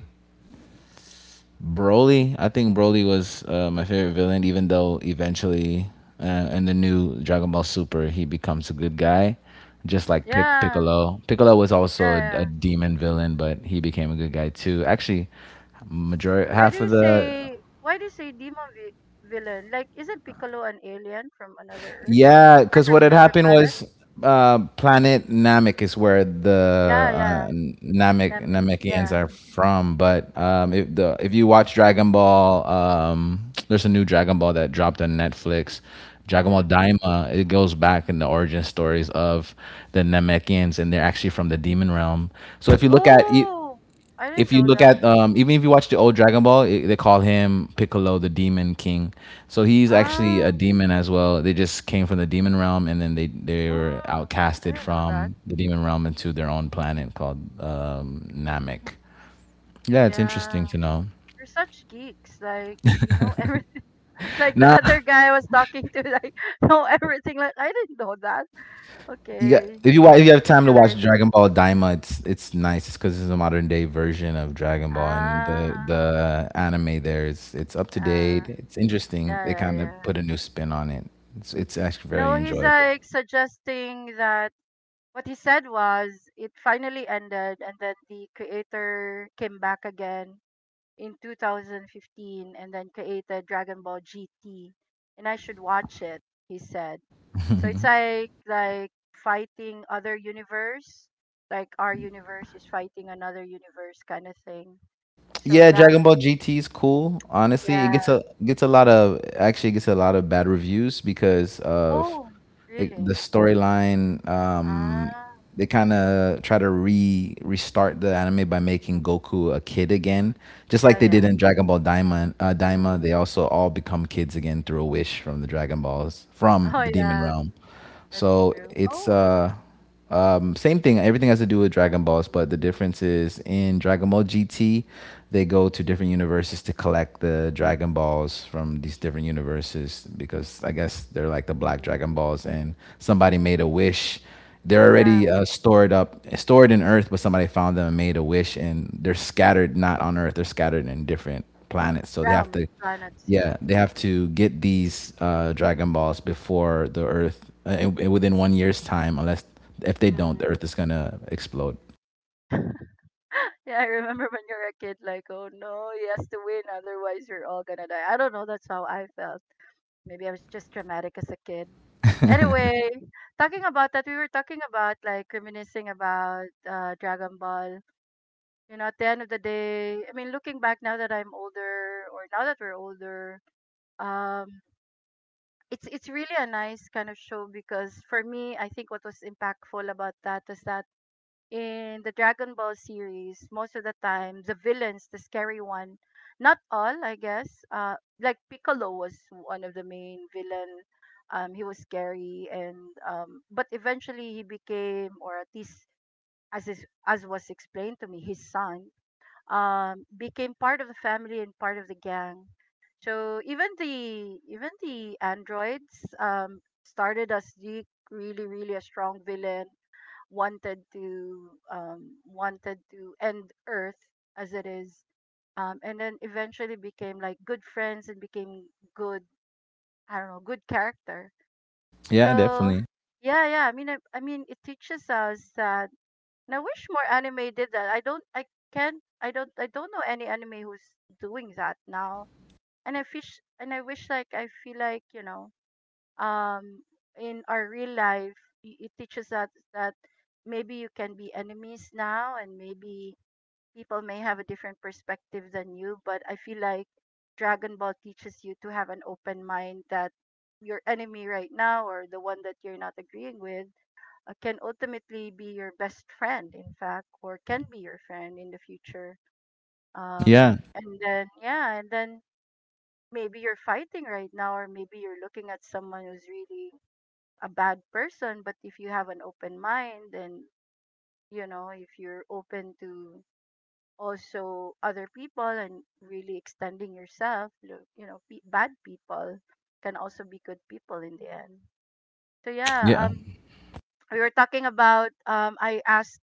Speaker 2: Broly. I think Broly was my favorite villain, even though eventually in the new Dragon Ball Super he becomes a good guy, just like Pic-
Speaker 1: Yeah.
Speaker 2: Piccolo. Piccolo was also
Speaker 1: Yeah,
Speaker 2: a
Speaker 1: yeah.
Speaker 2: demon villain, but he became a good guy too. Actually, majority half of the.
Speaker 1: Why do you say demon villain? Like, isn't Piccolo an alien from another earth?
Speaker 2: Yeah, because
Speaker 1: From
Speaker 2: what had
Speaker 1: another
Speaker 2: happened
Speaker 1: planet?
Speaker 2: was planet Namek is where the
Speaker 1: Yeah,
Speaker 2: uh,
Speaker 1: yeah.
Speaker 2: Namek
Speaker 1: Lamig,
Speaker 2: Namekians
Speaker 1: yeah.
Speaker 2: are from. But if you watch Dragon Ball, there's a new Dragon Ball that dropped on Netflix. Dragon Ball
Speaker 1: Mm.
Speaker 2: Daima. It goes back in the origin stories of the Namekians, and they're actually from the demon realm. So if you look at e,
Speaker 1: Oh, I didn't
Speaker 2: if you
Speaker 1: know
Speaker 2: look
Speaker 1: that.
Speaker 2: at even if you watch the old Dragon Ball, they call him Piccolo, the Demon King. So he's
Speaker 1: Ah,
Speaker 2: actually a demon as well. They just came from the demon realm, and then they
Speaker 1: mm,
Speaker 2: were
Speaker 1: I
Speaker 2: outcasted
Speaker 1: didn't know that.
Speaker 2: from the demon realm into their own planet called Namek. Yeah, it's
Speaker 1: Yeah,
Speaker 2: interesting to know.
Speaker 1: you're such geeks. Like you know everything. Like the
Speaker 2: Now,
Speaker 1: other guy I was talking to, like know everything. Like I didn't know that.
Speaker 2: You got
Speaker 1: Okay,
Speaker 2: if you wa- if you have
Speaker 1: geek
Speaker 2: time to watch
Speaker 1: alert.
Speaker 2: Dragon Ball Daima, it's nice. It's because it's a modern day version of Dragon Ball, and the
Speaker 1: Ah,
Speaker 2: the anime there is it's up to
Speaker 1: ah,
Speaker 2: date. It's interesting.
Speaker 1: yeah,
Speaker 2: They
Speaker 1: yeah,
Speaker 2: kind of
Speaker 1: yeah.
Speaker 2: put a new spin on it. It's actually very
Speaker 1: No, he's
Speaker 2: enjoyable.
Speaker 1: like suggesting that. What he said was, it finally ended, and then the creator came back again in 2015 and then created Dragon Ball GT, and I should watch it, he said. So it's like fighting other universe, like our universe is fighting another universe kind of thing. So
Speaker 2: Yeah,
Speaker 1: that,
Speaker 2: Dragon Ball GT is cool. Honestly, it
Speaker 1: yeah.
Speaker 2: gets a lot of, actually, it gets a lot of bad reviews because of
Speaker 1: Oh,
Speaker 2: the
Speaker 1: really?
Speaker 2: storyline.
Speaker 1: Ah,
Speaker 2: They kind of try to re restart the anime by making Goku a kid again, just like
Speaker 1: yeah,
Speaker 2: they did
Speaker 1: yeah.
Speaker 2: in Dragon Ball Daima.
Speaker 1: Mm.
Speaker 2: Daima, they also all become kids again through a wish from the Dragon Balls from
Speaker 1: Oh
Speaker 2: the Demon
Speaker 1: yeah,
Speaker 2: Realm.
Speaker 1: that's
Speaker 2: So
Speaker 1: true.
Speaker 2: it's
Speaker 1: Oh.
Speaker 2: same thing. Everything has to do with Dragon Balls, but the
Speaker 1: Mm.
Speaker 2: difference is in Dragon Ball GT, they go to different universes to collect the Dragon Balls from these different universes because I guess they're like the Black Dragon
Speaker 1: Mm.
Speaker 2: Balls, and somebody made a wish. They're
Speaker 1: Yeah,
Speaker 2: already stored in Earth, but somebody found them and made a wish, and they're scattered not on Earth. They're scattered in different planets, so they have
Speaker 1: realm
Speaker 2: to,
Speaker 1: planets, yeah.
Speaker 2: yeah, they have to get these Dragon Balls before the Earth, within one year's time, unless if they don't, the
Speaker 1: Mm.
Speaker 2: Earth is gonna explode.
Speaker 1: Yeah, I remember when you're a kid, like, oh no, he has to win, otherwise you're all gonna die. I don't know, that's how I felt. Maybe I was just dramatic as a kid. Anyway, talking about that, we were talking about like reminiscing about Dragon Ball. You know, at the end of the day, I mean, looking back now that I'm older, or now that we're older, um, it's really a nice kind of show because for me, I think what was impactful about that is that in the Dragon Ball series, most of the time, the villains, the scary one, not all, I guess. Like Piccolo was one of the main villain. He was scary, and but eventually he became, or at least as was explained to me, his son became part of the family and part of the gang. So even the androids started as the really really a strong villain, wanted to wanted to end earth as it is, and then eventually became like good friends and became good, I don't know, good character.
Speaker 2: Yeah,
Speaker 1: So
Speaker 2: definitely.
Speaker 1: yeah, yeah, I mean it teaches us that. And I wish more anime did that. I don't i can't i don't i don't know any anime who's doing that now. And I fish and I wish. Like, I feel like, um in our real life, it teaches us that maybe you can be enemies now, and maybe people may have a different perspective than you, but I feel like Dragon Ball teaches you to have an open mind that your enemy right now, or the one that you're not agreeing with, can ultimately be your best friend, in fact, or can be your friend in the future.
Speaker 2: Yeah,
Speaker 1: And then, yeah, and then maybe you're fighting right now, or maybe you're looking at someone who's really a bad person. But if you have an open mind, and, you know, if you're open to also other people and really extending yourself, bad people can also be good people in the end. So yeah.
Speaker 2: yeah.
Speaker 1: We were talking about, i asked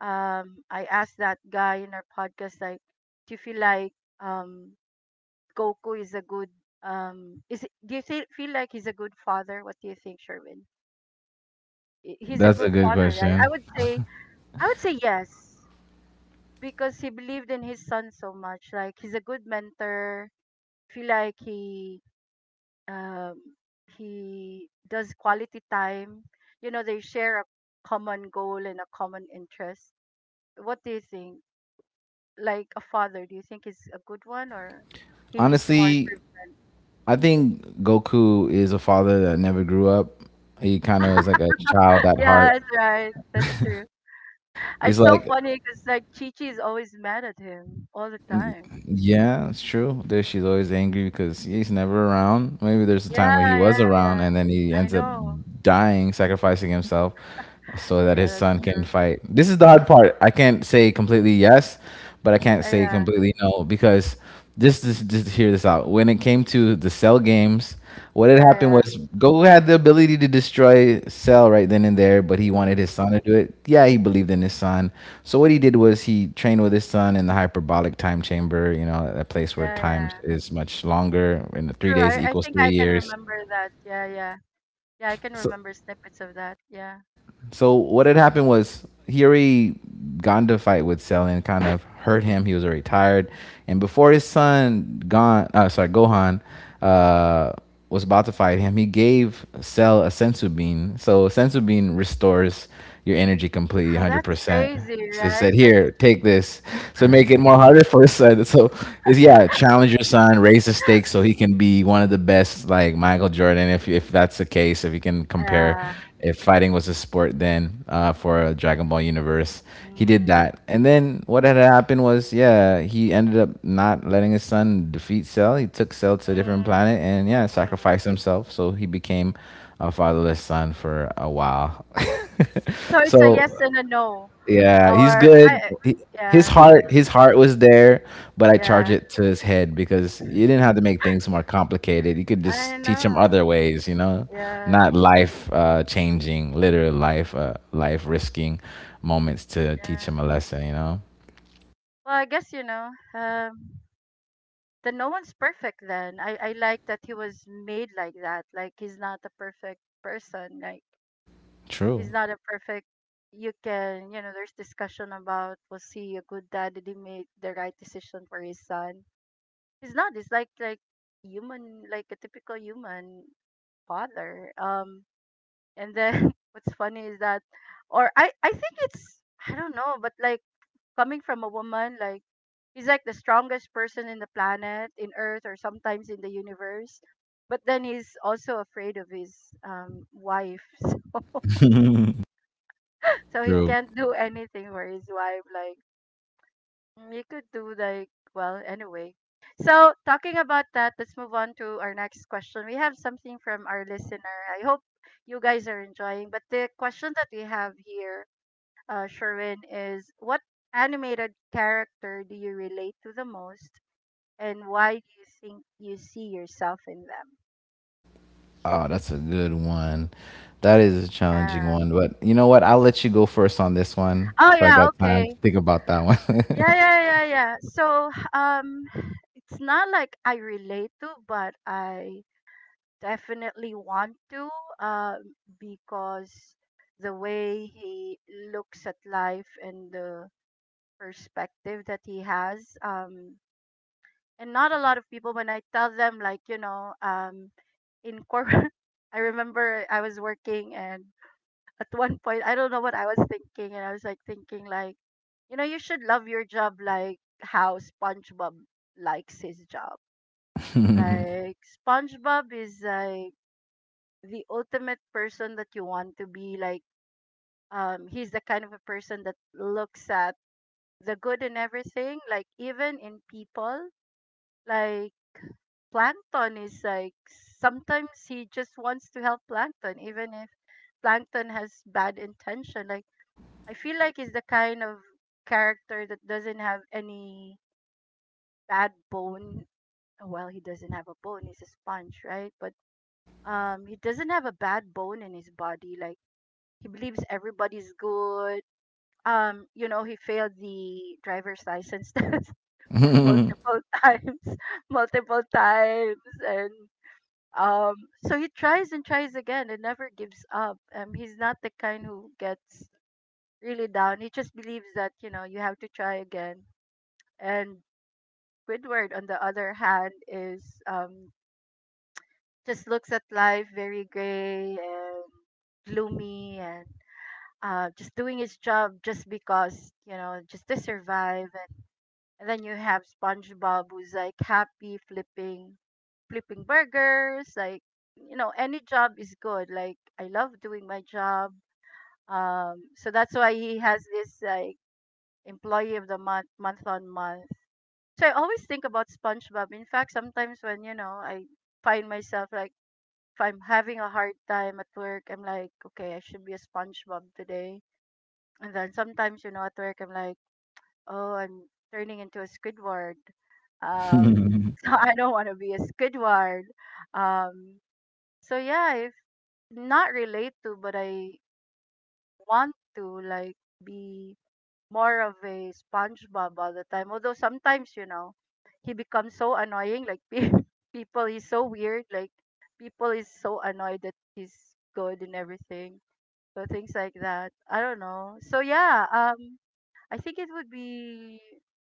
Speaker 1: um I asked that guy in our podcast, like, do you feel like, um Goku is a good, is it, feel like he's a good father? What do you think, Sherwin? He's a
Speaker 2: That's a
Speaker 1: good
Speaker 2: good
Speaker 1: father, right? i
Speaker 2: question.
Speaker 1: would say I would say yes, because he believed in his son so much. Like, he's a good mentor. Feel like he um he does quality time. You know, they share a common goal and a common interest. What do you think? Like a father, do you think he's a good one, or he needs more
Speaker 2: Honestly,
Speaker 1: improvement?
Speaker 2: I think Goku is a father that never grew up. He kind of is like a child at
Speaker 1: Yeah,
Speaker 2: heart.
Speaker 1: that's right. That's true.
Speaker 2: He's
Speaker 1: It's so
Speaker 2: like
Speaker 1: funny because like Chichi is always mad at him all the time.
Speaker 2: Yeah, it's true. There, she's always angry because he's never around. Maybe there's a time where he
Speaker 1: Yeah,
Speaker 2: was
Speaker 1: yeah, yeah.
Speaker 2: around and then he
Speaker 1: I
Speaker 2: ends up
Speaker 1: know.
Speaker 2: dying, sacrificing himself so that
Speaker 1: Yeah,
Speaker 2: his
Speaker 1: that's
Speaker 2: son can
Speaker 1: true.
Speaker 2: fight. This is the hard part. I can't say completely yes, but I can't say
Speaker 1: Yeah.
Speaker 2: completely no because just hear this out. When it came to the cell games, what had
Speaker 1: Yeah,
Speaker 2: happened
Speaker 1: yeah.
Speaker 2: was Goku had the ability to destroy Cell right then and there, but he wanted his
Speaker 1: Mm,
Speaker 2: son to do it. Yeah, he believed in his son. So what he did was he trained with his son in the hyperbolic time chamber. You know, a place where
Speaker 1: yeah,
Speaker 2: time
Speaker 1: yeah.
Speaker 2: is much longer, and the three
Speaker 1: True.
Speaker 2: days
Speaker 1: I
Speaker 2: equals
Speaker 1: think I
Speaker 2: three
Speaker 1: can
Speaker 2: years.
Speaker 1: remember that. Yeah, yeah. Yeah, I can
Speaker 2: So
Speaker 1: remember snippets of that. Yeah.
Speaker 2: So what had happened was he already got into a fight with Selin, kind of hurt him. He was already tired, and before his son Gon, sorry, Gohan, uh, was about to fight him, he gave Cell a sensu bean. So sensu bean restores your energy completely,
Speaker 1: Oh,
Speaker 2: hundred
Speaker 1: that's
Speaker 2: percent.
Speaker 1: crazy,
Speaker 2: So they
Speaker 1: right?
Speaker 2: said, "Here,
Speaker 1: That's
Speaker 2: take this." So make it more harder for his son. So it's, yeah, challenge your son, raise the stakes so he can be one of the best, like Michael Jordan. If that's the case, if you can compare,
Speaker 1: yeah.
Speaker 2: if fighting was a sport, then for a Dragon Ball universe, he did
Speaker 1: Mm,
Speaker 2: that. And then what had happened was, yeah, he ended up not letting his son defeat Cell. He took Cell to a different
Speaker 1: mm,
Speaker 2: planet and, yeah,
Speaker 1: mm.
Speaker 2: sacrificed himself. So he became a fatherless son for a while.
Speaker 1: So it's a
Speaker 2: So
Speaker 1: yes and a no.
Speaker 2: yeah, he's
Speaker 1: Or
Speaker 2: good.
Speaker 1: I
Speaker 2: His
Speaker 1: Yeah,
Speaker 2: heart, his heart was there, but I charge
Speaker 1: yeah.
Speaker 2: it to his head because you didn't have to make things more complicated. You could
Speaker 1: I
Speaker 2: just teach him
Speaker 1: know.
Speaker 2: other ways,
Speaker 1: Yeah,
Speaker 2: not life changing, literal life risking moments to teach him
Speaker 1: yeah.
Speaker 2: a lesson. You know.
Speaker 1: Well, I guess, you know, um the no one's perfect then. I like that he was made like that. Like, he's not a perfect person. Like, he's
Speaker 2: True,
Speaker 1: not a perfect you can, you know, there's discussion about, was he a good dad, did he make the right decision for his son? He's not, he's like, human, like a typical human father. And then what's funny is that, or I think it's I don't know, but like, coming from a woman, like, he's like the strongest person in the planet, in earth, or sometimes in the universe, but then he's also afraid of his wife. So he
Speaker 2: true.
Speaker 1: can't do anything for his wife. Like, you could do, like, well, anyway. So talking about that, let's move on to our next question. We have something from our listener. I hope you guys are enjoying. But the question that we have here, Sherwin, is what animated character do you relate to the most, and why do you think you see yourself in them?
Speaker 2: Oh, that's a good one. That is a challenging
Speaker 1: Yeah.
Speaker 2: one, but you know what? I'll let you go first on this one,
Speaker 1: Oh
Speaker 2: so I got
Speaker 1: yeah.
Speaker 2: time to
Speaker 1: Okay.
Speaker 2: think about
Speaker 1: Yeah,
Speaker 2: that
Speaker 1: yeah, yeah, yeah. So, it's not like I relate to, but I definitely want to, because the way he looks at life and the perspective that he has, and not a lot of people when I tell them, like, you know, in corporate, I remember I was working, and at one point, I don't know what I was thinking, and I was like thinking, like, you know, you should love your job like how SpongeBob likes his job.
Speaker 2: one.
Speaker 1: Like, SpongeBob is like the ultimate person that you want to be like. He's the kind of a person that looks at the good in everything, like even in people. Like, Plankton is like, sometimes he just wants to help Plankton even if Plankton has bad intention. Like, I feel like he's the kind of character that doesn't have any bad bone. Well, he doesn't have a bone. He's a sponge, right? But he doesn't have a bad bone in his body. Like, he believes everybody's good. He failed the driver's license test multiple times, multiple times, and um, so he tries and tries again and never gives up. He's not the kind who gets really down. He just believes that, you have to try again. And Squidward, on the other hand, is, just looks at life very gray and gloomy, and just doing his job just because, you know, just to survive. And then you have SpongeBob, who's like happy flipping, flipping burgers. Like, you know, any job is good. Like, I love doing my job. So that's why he has this, like, employee of the month, month on month. So I always think about SpongeBob. In fact, sometimes when, you know, I find myself, like, if I'm having a hard time at work, I'm like, okay, I should be a SpongeBob today. And then sometimes, you know, at work I'm like, oh, I'm turning into a Squidward. Um so I don't want to be a Squidward. Um so yeah, if not relate to, but I want to, like, be more of a SpongeBob all the time. Although sometimes, you know, he becomes so annoying. Like, people, he's so weird. Like, people is so annoyed that he's good and everything. So things like that. I don't know. So yeah. I think it would be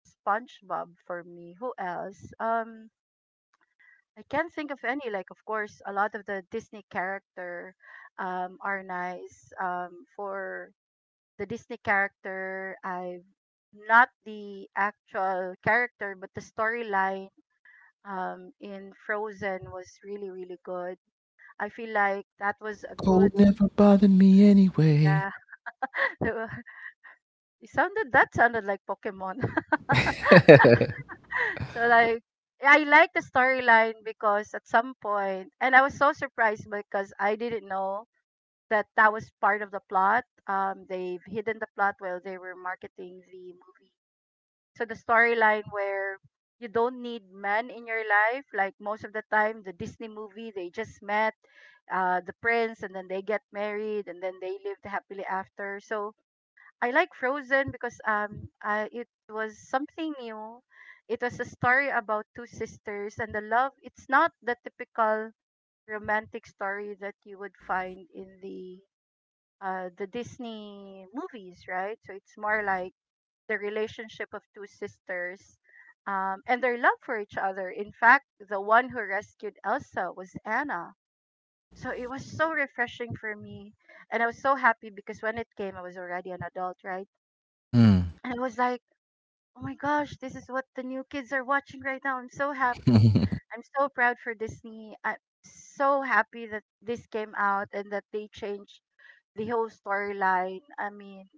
Speaker 1: SpongeBob for me. Who else? I can't think of any. Like, of course, a lot of the Disney character are nice, for the Disney character. I've, not the actual character, but the storyline, in Frozen was really, really good. I feel like that was a
Speaker 2: Cold
Speaker 1: good,
Speaker 2: never bothered me anyway.
Speaker 1: yeah. it sounded That sounded like Pokemon. So, like, I like the storyline because at some point, and I was so surprised because I didn't know that that was part of the plot. They've hidden the plot while they were marketing the movie. So the storyline where you don't need men in your life, like most of the time, the Disney movie, they just met, the prince, and then they get married, and then they lived happily after. So I like Frozen because, it was something new. It was a story about two sisters and the love. It's not the typical romantic story that you would find in the Disney movies, right? So it's more like the relationship of two sisters, and their love for each other. In fact, the one who rescued Elsa was Anna. So it was so refreshing for me. And I was so happy because when it came, I was already an adult, right?
Speaker 2: Mm.
Speaker 1: And I was like, oh my gosh, this is what the new kids are watching right now. I'm so happy. I'm so proud for Disney. I'm so happy that this came out and that they changed the whole storyline. I mean,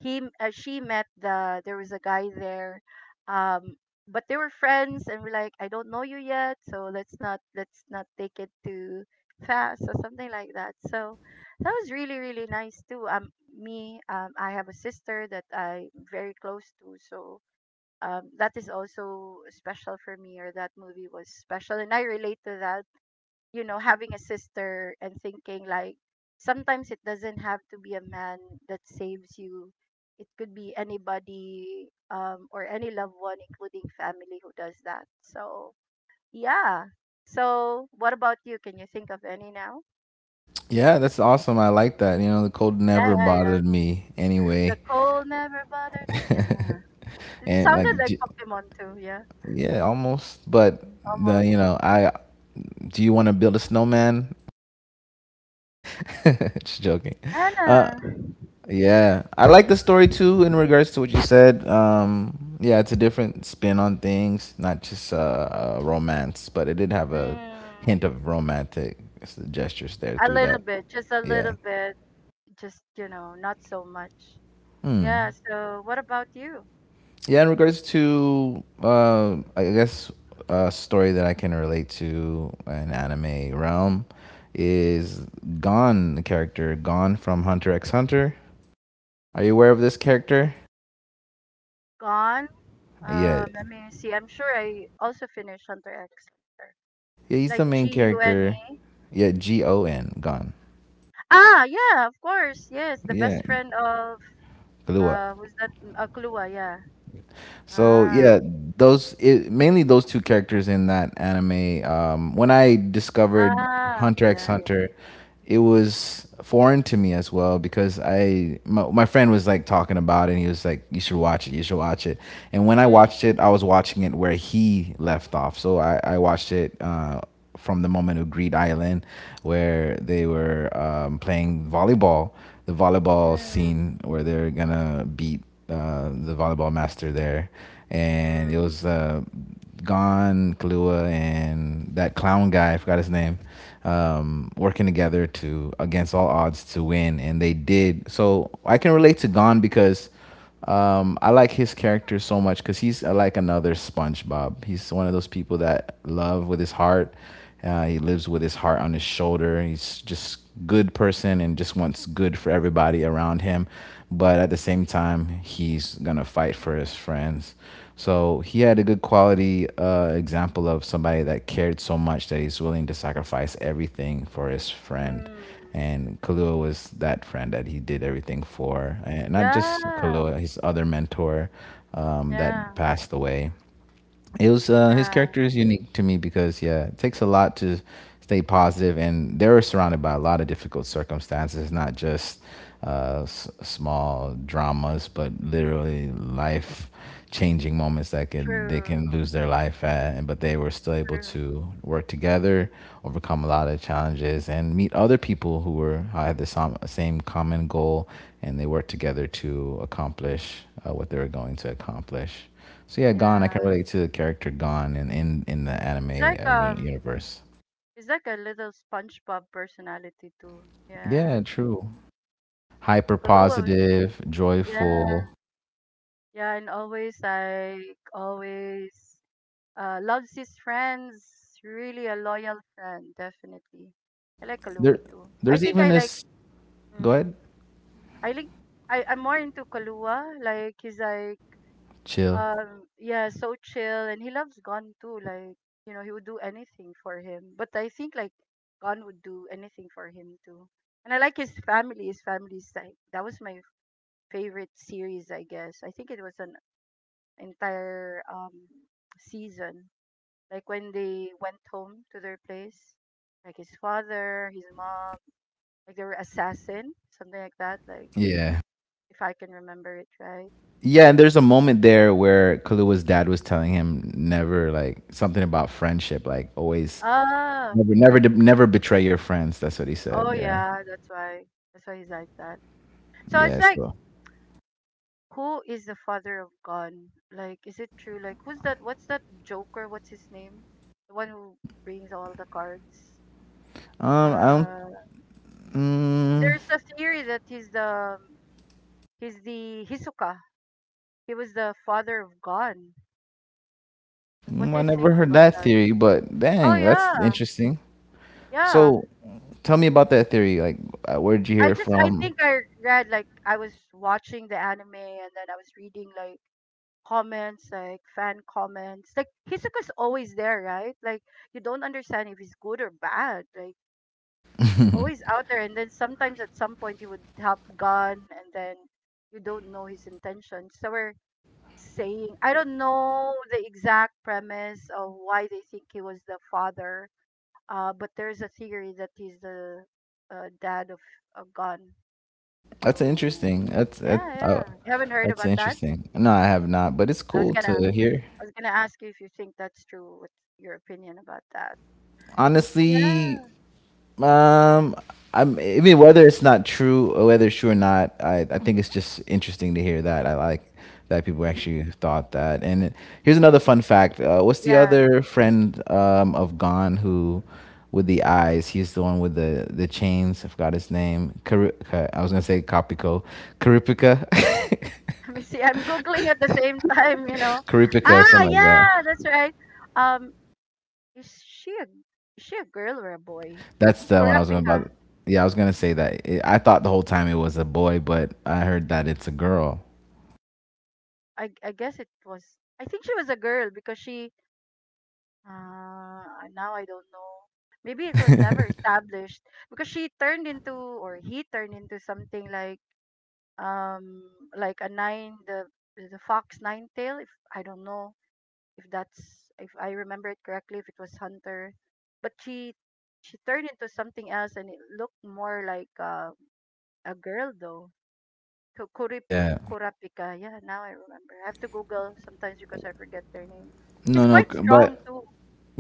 Speaker 1: she met there was a guy there, um but they were friends and we're like, I don't know you yet, so let's not take it too fast, or something like that. So that was really, really nice too. Me I have a sister that I'm very close to, so that is also special for me, or that movie was special, and I relate to that. You know, having a sister and thinking like sometimes it doesn't have to be a man that saves you, it could be anybody, or any loved one including family who does that. So yeah. So what about you, can you think of any now?
Speaker 2: Yeah, that's awesome. I like that. You know, the cold
Speaker 1: Yeah,
Speaker 2: never
Speaker 1: yeah, yeah.
Speaker 2: bothered me
Speaker 1: The
Speaker 2: anyway.
Speaker 1: cold never bothered me, ah. It
Speaker 2: And
Speaker 1: sounded
Speaker 2: like,
Speaker 1: like Pokemon too, yeah.
Speaker 2: yeah, almost. But the
Speaker 1: Almost.
Speaker 2: you know, I Do you want to build a snowman? Just joking. Uh,
Speaker 1: Anna.
Speaker 2: Yeah, I like the story too in regards to what you said. Yeah, it's a different spin on things, not just romance, but it did have a
Speaker 1: mm,
Speaker 2: hint of romantic gestures there
Speaker 1: a
Speaker 2: through
Speaker 1: little
Speaker 2: that.
Speaker 1: bit, just a little
Speaker 2: Yeah.
Speaker 1: bit, just, you know, not so much.
Speaker 2: Hmm.
Speaker 1: Yeah, so what about you?
Speaker 2: Yeah, in regards to, I guess, a story that I can relate to an anime realm is Gon, the character Gon from Hunter x Hunter. Are you aware of this character?
Speaker 1: Gone?
Speaker 2: Yeah.
Speaker 1: Let me see. I'm sure I also finished Hunter X. Hunter.
Speaker 2: Yeah, he's the
Speaker 1: Like,
Speaker 2: main
Speaker 1: G U N
Speaker 2: character.
Speaker 1: E.
Speaker 2: Yeah, Gon, gone.
Speaker 1: Ah, yeah, of course. Yes, the
Speaker 2: Yeah,
Speaker 1: best friend of,
Speaker 2: Galua.
Speaker 1: who's that? Kalua, yeah.
Speaker 2: So
Speaker 1: Ah.
Speaker 2: yeah, mainly those two characters in that anime. When I discovered
Speaker 1: Ah,
Speaker 2: Hunter X
Speaker 1: yeah. Yeah.
Speaker 2: Hunter, it was foreign to me as well because my friend was like talking about it and he was like, "You should watch it. You should watch it." And when I
Speaker 1: Mm,
Speaker 2: watched it, I was watching it where he left off. So I watched it. From the moment of Greed Island, where they were playing volleyball, the volleyball
Speaker 1: mm,
Speaker 2: scene where they're gonna beat the volleyball master there, and it
Speaker 1: mm,
Speaker 2: was Gon, Kalua, and that clown guy, I forgot his name, working together to against all odds to win, and they did. So I can relate to Gon because I like his character so much because he's like another SpongeBob. He's one of those people that love with his heart. He lives with his heart on his shoulder. He's just good person and just wants good for everybody around him. But at the same time, he's gonna fight for his friends. So he had a good quality example of somebody that cared so much that he's willing to sacrifice everything for his friend.
Speaker 1: mm.
Speaker 2: And Kalua was that friend that he did everything for, and not just
Speaker 1: Yeah.
Speaker 2: Kalua, his other mentor that
Speaker 1: Yeah.
Speaker 2: passed away, it was his
Speaker 1: Yeah.
Speaker 2: character is unique to me because yeah, it takes a lot to stay positive, and they were surrounded by a lot of difficult circumstances, not just small dramas, but literally life changing moments that could they
Speaker 1: True.
Speaker 2: can lose their life at, and but they were still able
Speaker 1: True.
Speaker 2: to work together, overcome a lot of challenges and meet other people who were had the same common goal, and they worked together to accomplish what they were going to accomplish. So yeah, Gon. I can
Speaker 1: Yeah.
Speaker 2: relate to the character Gon in in the anime
Speaker 1: It's like um
Speaker 2: universe.
Speaker 1: it's like a little SpongeBob personality too. Yeah.
Speaker 2: Yeah, true. Hyper
Speaker 1: Kalua.
Speaker 2: positive,
Speaker 1: Yeah,
Speaker 2: joyful.
Speaker 1: yeah, and always like always loves his friends, really a loyal friend, definitely. I like
Speaker 2: There,
Speaker 1: Kalua too. I
Speaker 2: there's
Speaker 1: think
Speaker 2: even
Speaker 1: I like
Speaker 2: this. Go
Speaker 1: mm,
Speaker 2: ahead.
Speaker 1: I like I'm more into Kalua. Like he's like
Speaker 2: Chill.
Speaker 1: yeah, so chill and he loves Gon too, like you know, he would do anything for him. But I think like Gon would do anything for him too. And I like his family. His family's like that was my favorite series, I guess. I think it was on entire season. Like when they went home to their place, like his father, his mom, like they were assassin, something like that. Like
Speaker 2: Yeah.
Speaker 1: if I can remember it right.
Speaker 2: Yeah, and there's a moment there where Kalua's dad was telling him never like something about friendship, like always,
Speaker 1: Ah,
Speaker 2: never never betray your friends. That's what he said.
Speaker 1: oh
Speaker 2: Yeah.
Speaker 1: yeah, that's why. That's why he's like that. So it's
Speaker 2: Yeah,
Speaker 1: like,
Speaker 2: so
Speaker 1: who is the father of Gon? Like, is it true? Like, who's that? What's that Joker? What's his name? The one who brings all the cards.
Speaker 2: I don't.
Speaker 1: Uh,
Speaker 2: mm,
Speaker 1: there's a theory that he's the Hisoka. He was the father of God. Like, what do
Speaker 2: I
Speaker 1: you
Speaker 2: never
Speaker 1: think
Speaker 2: heard
Speaker 1: about
Speaker 2: that
Speaker 1: that?
Speaker 2: theory, but
Speaker 1: Oh
Speaker 2: dang, that's
Speaker 1: yeah,
Speaker 2: interesting.
Speaker 1: yeah.
Speaker 2: So, tell me about that theory. Like, where did you
Speaker 1: I
Speaker 2: hear it
Speaker 1: just I
Speaker 2: from?
Speaker 1: think I read, like I was watching the anime and then I was reading like comments, like fan comments. Like Hisoka's always there, right? Like you don't understand if he's good or bad, like he's always out there, and then sometimes at some point he would help gun and then you don't know his intention, so we're saying I don't know the exact premise of why they think he was the father. But there's a theory that he's the dad of a gun.
Speaker 2: That's
Speaker 1: So
Speaker 2: interesting.
Speaker 1: yeah, yeah. You haven't heard
Speaker 2: That's
Speaker 1: about that?
Speaker 2: interesting. No, I have not, but it's
Speaker 1: I was
Speaker 2: cool
Speaker 1: gonna,
Speaker 2: to hear.
Speaker 1: I was gonna ask you if you think that's true. What's your opinion about that? Yeah.
Speaker 2: Honestly, Um, I'm even whether it's not true or whether it's true or not. I think it's just interesting to hear that. I like that people
Speaker 1: Mm,
Speaker 2: actually thought that. Here's another fun fact. What's the
Speaker 1: yeah.
Speaker 2: other friend of Gone who? With the eyes, he's the one with the chains. I forgot his name. I was gonna say Kapiko, Karipika,
Speaker 1: Let me see. I'm googling at the same time. You know.
Speaker 2: Karipika,
Speaker 1: Ah,
Speaker 2: something like that.
Speaker 1: yeah. That's right. Um, is she a girl or a boy?
Speaker 2: That's the one I was gonna
Speaker 1: Kurapika.
Speaker 2: about. Yeah, I was gonna say that. It, I thought the whole time it was a boy, but I heard that it's a girl.
Speaker 1: I guess it was. I think she was a girl because she Uh, now I don't know. Maybe it was never established because she turned into, or he turned into, something um like a nine, the fox nine tail. If I don't know if that's, if I remember it correctly, if it was Hunter, but she turned into something else, and it looked more like a girl though. Ku- Kurip
Speaker 2: Yeah.
Speaker 1: Kurapika. Yeah, now I remember. I have to Google sometimes because I forget their name. It's
Speaker 2: No, no,
Speaker 1: quite
Speaker 2: c-
Speaker 1: strong
Speaker 2: but
Speaker 1: too.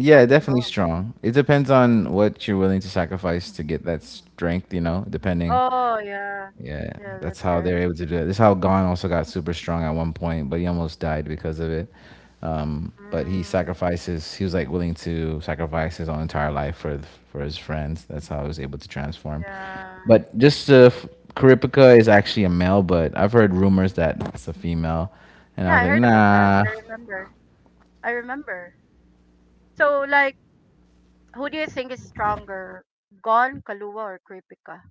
Speaker 1: It's quite
Speaker 2: definitely
Speaker 1: strong.
Speaker 2: strong. It depends on what you're willing to sacrifice to get that strength, you know, depending.
Speaker 1: Oh, yeah.
Speaker 2: Yeah,
Speaker 1: Yeah,
Speaker 2: that's
Speaker 1: that's
Speaker 2: how
Speaker 1: right.
Speaker 2: they're able to do it. This is how Gon also got super strong at one point, but he almost died because of it. But he
Speaker 1: Mm,
Speaker 2: sacrifices, he was like willing to sacrifice his own entire life for his friends. That's how he was able to transform.
Speaker 1: yeah.
Speaker 2: But just Kuripika is actually a male, but I've heard rumors that it's a female. And I
Speaker 1: Yeah,
Speaker 2: was
Speaker 1: I
Speaker 2: like,
Speaker 1: heard about that.
Speaker 2: nah.
Speaker 1: I remember. I remember. So, like, who do you think is stronger, Gon, Kaluwa, or Kripika?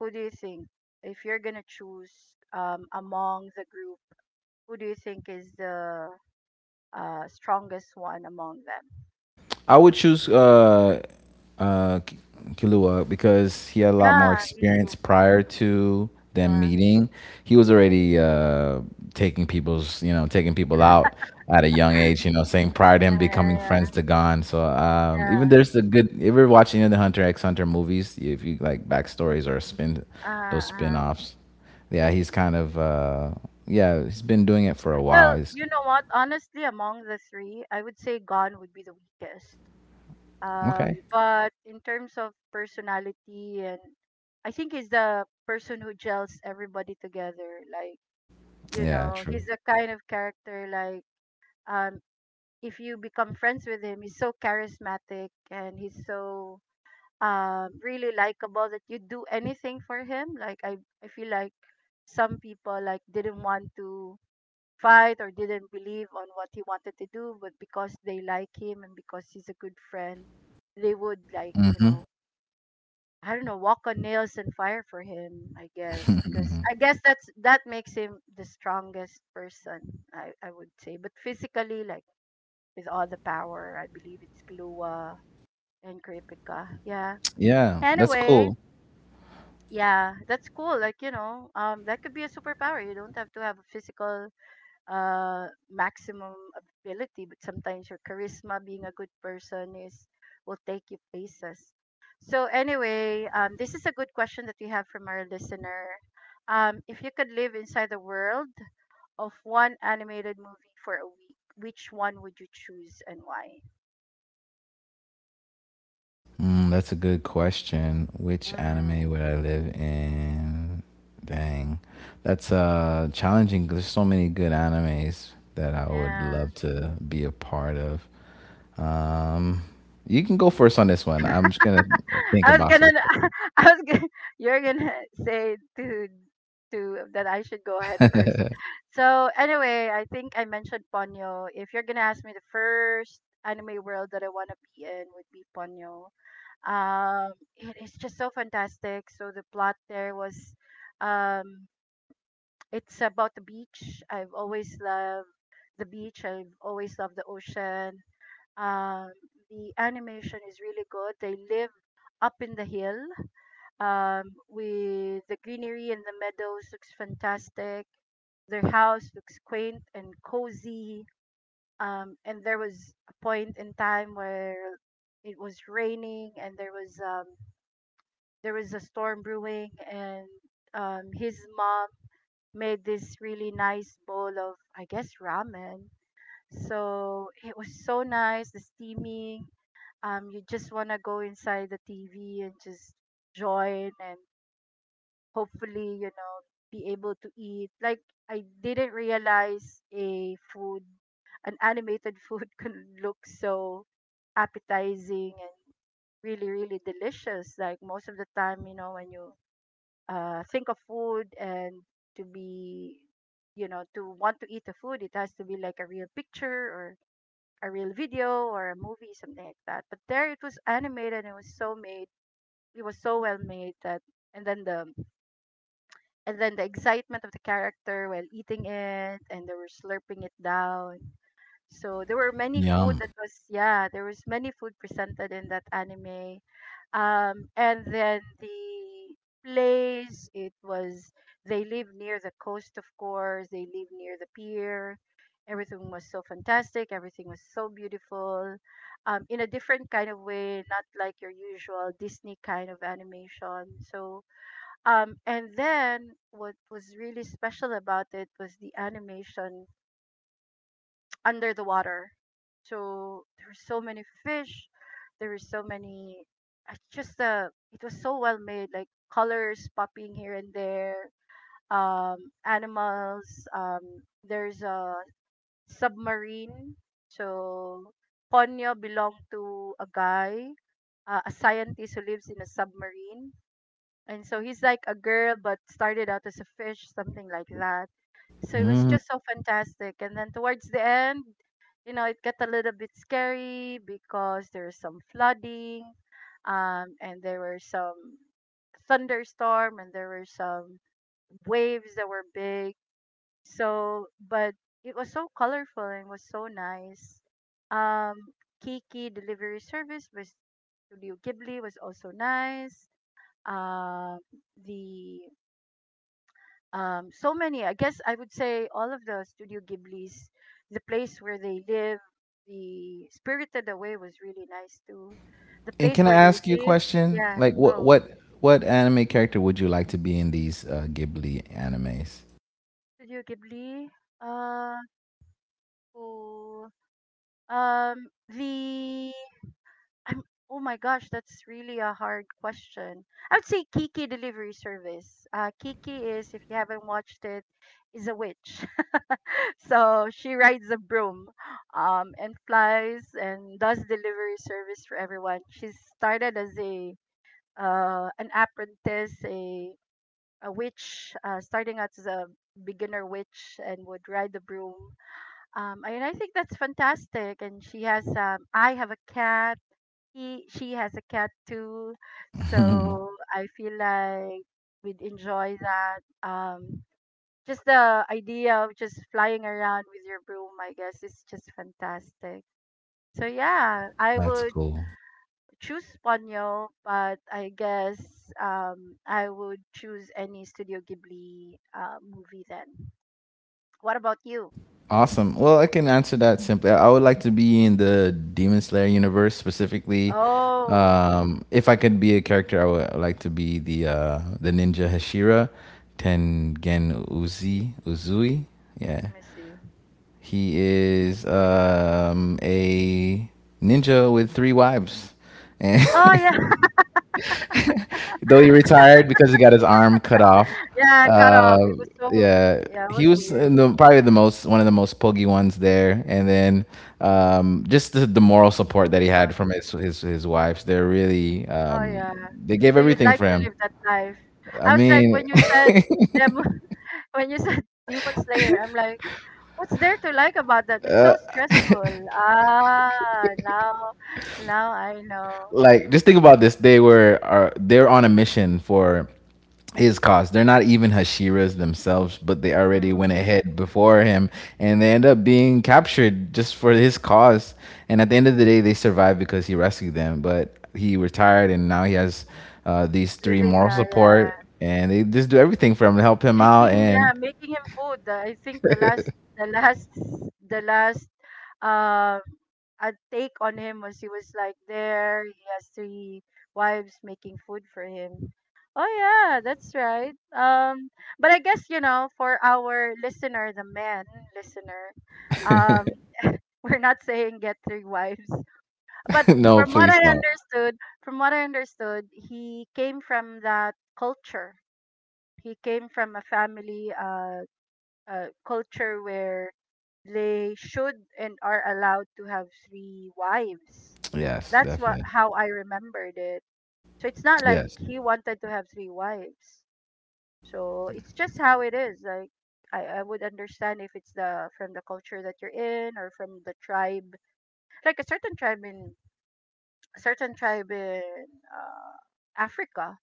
Speaker 1: Who do you think? If you're gonna choose among the group, who do you think is the strongest one among them?
Speaker 2: I would choose uh, K- Kilua because he had a lot more
Speaker 1: Yeah, me
Speaker 2: experience
Speaker 1: too.
Speaker 2: prior to them
Speaker 1: Yeah,
Speaker 2: meeting. He was already taking people's, you know, taking people out at a young age. You know, saying prior to him
Speaker 1: yeah,
Speaker 2: becoming
Speaker 1: yeah,
Speaker 2: friends to Gon. So even there's
Speaker 1: yeah,
Speaker 2: a good. If you're watching any of the Hunter X Hunter movies, if you like backstories or spin,
Speaker 1: yeah.
Speaker 2: those spin offs, yeah, he's kind of yeah, he's been doing it for a while.
Speaker 1: Well,
Speaker 2: He's,
Speaker 1: you know what? Honestly, among the three, I would say Gon would be the weakest.
Speaker 2: okay.
Speaker 1: But in terms of personality, and I think he's the person who gels everybody together. Like, you
Speaker 2: Yeah,
Speaker 1: know, he's
Speaker 2: true.
Speaker 1: the kind of character like um, if you become friends with him, he's so charismatic and he's so really likable that you do anything for him. Like, I feel like some people like didn't want to fight or didn't believe on what he wanted to do, but because they like him and because he's a good friend, they would like, you
Speaker 2: Hmm.
Speaker 1: know, I don't know, walk on nails and fire for him, I guess, because I guess that's that makes him the strongest person, I would say. But physically, like with all the power, I believe it's Kalua and Kripika. Yeah.
Speaker 2: Yeah, that's
Speaker 1: Anyway,
Speaker 2: cool.
Speaker 1: yeah, that's cool. Like, you know, that could be a superpower. You don't have to have a physical maximum ability, but sometimes your charisma, being a good person, is will take you places. So anyway, this is a good question that we have from our listener. If you could live inside the world of one animated movie for a week, which one would you choose and why?
Speaker 2: Mm, that's a good question. Which
Speaker 1: Mm,
Speaker 2: anime would I live in? Dang, that's challenging. There's so many good animes that I would
Speaker 1: yeah.
Speaker 2: love to be a part of. Um, you can go first on this one. I'm just gonna think
Speaker 1: I was
Speaker 2: about some
Speaker 1: gonna, I was gonna, you're gonna say to that I should go ahead first.
Speaker 2: stuff.
Speaker 1: So anyway, I think I mentioned Ponyo. If you're gonna ask me, the first anime world that I wanna be in would be Ponyo. It is just so fantastic. So the plot there was, um, it's about the beach. I've always loved the beach. I've always loved the ocean. Um, the animation is really good. They live up in the hill um, with the greenery, and the meadows looks fantastic. Their house looks quaint and cozy. And there was a point in time where it was raining and there was a storm brewing and his mom made this really nice bowl of, I guess, ramen. So it was so nice, the steaming. You just wanna go inside the TV and just join and hopefully, you know, be able to eat. Like I didn't realize a food, an animated food can look so appetizing and really, really delicious. Like most of the time, you know, when you think of food and to be, you know, to want to eat the food, it has to be like a real picture or a real video or a movie, something like that. But there it was animated, and it was so made, it was so well made that, and then the and then the excitement of the character while eating it, and they were slurping it down. So there were many food
Speaker 2: Yum.
Speaker 1: that was, yeah, there was many food presented in that anime. Um, and then the place, it was they live near the coast, of course, they live near the pier. Everything was so fantastic, everything was so beautiful, um, in a different kind of way, not like your usual Disney kind of animation. So and then what was really special about it was the animation under the water. So there were so many fish. There were so many. I just it was so well made. Like colors popping here and there. Animals. There's a submarine. So Ponyo belonged to a guy, a scientist who lives in a submarine, and so he's like a girl, but started out as a fish, something like that. So it was
Speaker 2: Mm.
Speaker 1: just so fantastic, and then towards the end, you know, it got a little bit scary because there's some flooding, um, and there were some thunderstorm, and there were some waves that were big. So, but it was so colorful and was so nice. Um, Kiki Delivery Service was, Studio Ghibli was also nice. Uh, the So many. I guess I would say all of the Studio Ghibli's, the place where they live, the Spirited Away was really nice too. The
Speaker 2: And
Speaker 1: place
Speaker 2: can I
Speaker 1: where they
Speaker 2: ask you a
Speaker 1: live,
Speaker 2: question?
Speaker 1: yeah,
Speaker 2: Like, what
Speaker 1: go
Speaker 2: what what anime character would you like to be in these Ghibli animes?
Speaker 1: Studio Ghibli. Uh, cool. Um, the I'm, oh my gosh, that's really a hard question. I would say Kiki Delivery Service. Kiki is, if you haven't watched it, is a witch. So she rides a broom, and flies and does delivery service for everyone. She started as a an apprentice, a witch, starting out as a beginner witch and would ride the broom. And I think that's fantastic. And she has, I have a cat. She has a cat too. So I feel like we'd enjoy that. Just the idea of just flying around with your broom, I guess, is just fantastic. So yeah, I
Speaker 2: That's
Speaker 1: would
Speaker 2: cool.
Speaker 1: choose Ponyo, but I guess I would choose any Studio Ghibli movie then. What about you?
Speaker 2: Awesome. Well, I can answer that simply. I would like to be in the Demon Slayer universe specifically.
Speaker 1: Oh,
Speaker 2: If I could be a character, I would like to be the ninja Hashira, Tengen Uzi Uzui. Yeah,
Speaker 1: let me see.
Speaker 2: he is a ninja with 3 wives, and
Speaker 1: Oh yeah,
Speaker 2: though he retired because he got his arm cut off.
Speaker 1: yeah, cut
Speaker 2: Uh,
Speaker 1: off. It was so
Speaker 2: yeah,
Speaker 1: yeah, it
Speaker 2: he
Speaker 1: was
Speaker 2: was
Speaker 1: weird.
Speaker 2: in the, probably the most one of the most poggy ones there, and then just the moral support that he had
Speaker 1: Pokemon.
Speaker 2: from his his wives. They're really
Speaker 1: Oh yeah.
Speaker 2: they gave
Speaker 1: So you'd
Speaker 2: everything
Speaker 1: like
Speaker 2: for
Speaker 1: to
Speaker 2: him.
Speaker 1: live that life?
Speaker 2: I
Speaker 1: I was like
Speaker 2: mean.
Speaker 1: when you said demo, when you said Demon Slayer, I'm like, what's there to like about that? It's so stressful. Ah, now, now I know.
Speaker 2: Like just think about this, they were are they're on a mission for his cause, they're not even hashiras themselves but they already
Speaker 1: Mm,
Speaker 2: went ahead before him, and they end up being captured just for his cause, and at the end of the day they survived because he rescued them, but he retired and now he has these three
Speaker 1: living,
Speaker 2: moral support and they just do everything for him to help him out
Speaker 1: yeah,
Speaker 2: and
Speaker 1: making him food. I think the last, the last, um, a take on him was he was like there. He has three wives making food for him. Oh yeah, that's right. But I guess you know for our listener, the man listener, um, we're not saying get three wives. But
Speaker 2: no
Speaker 1: from what
Speaker 2: please
Speaker 1: I
Speaker 2: don't.
Speaker 1: understood, from what I understood, he came from that culture. He came from a family culture where they should and are allowed to have three wives.
Speaker 2: Yes,
Speaker 1: That's what
Speaker 2: definitely.
Speaker 1: how I remembered it. So it's not like
Speaker 2: Yes.
Speaker 1: he wanted to have three wives. So it's just how it is. Like I would understand if it's the from the culture that you're in or from the tribe, like a certain tribe in certain tribe in uh, Africa,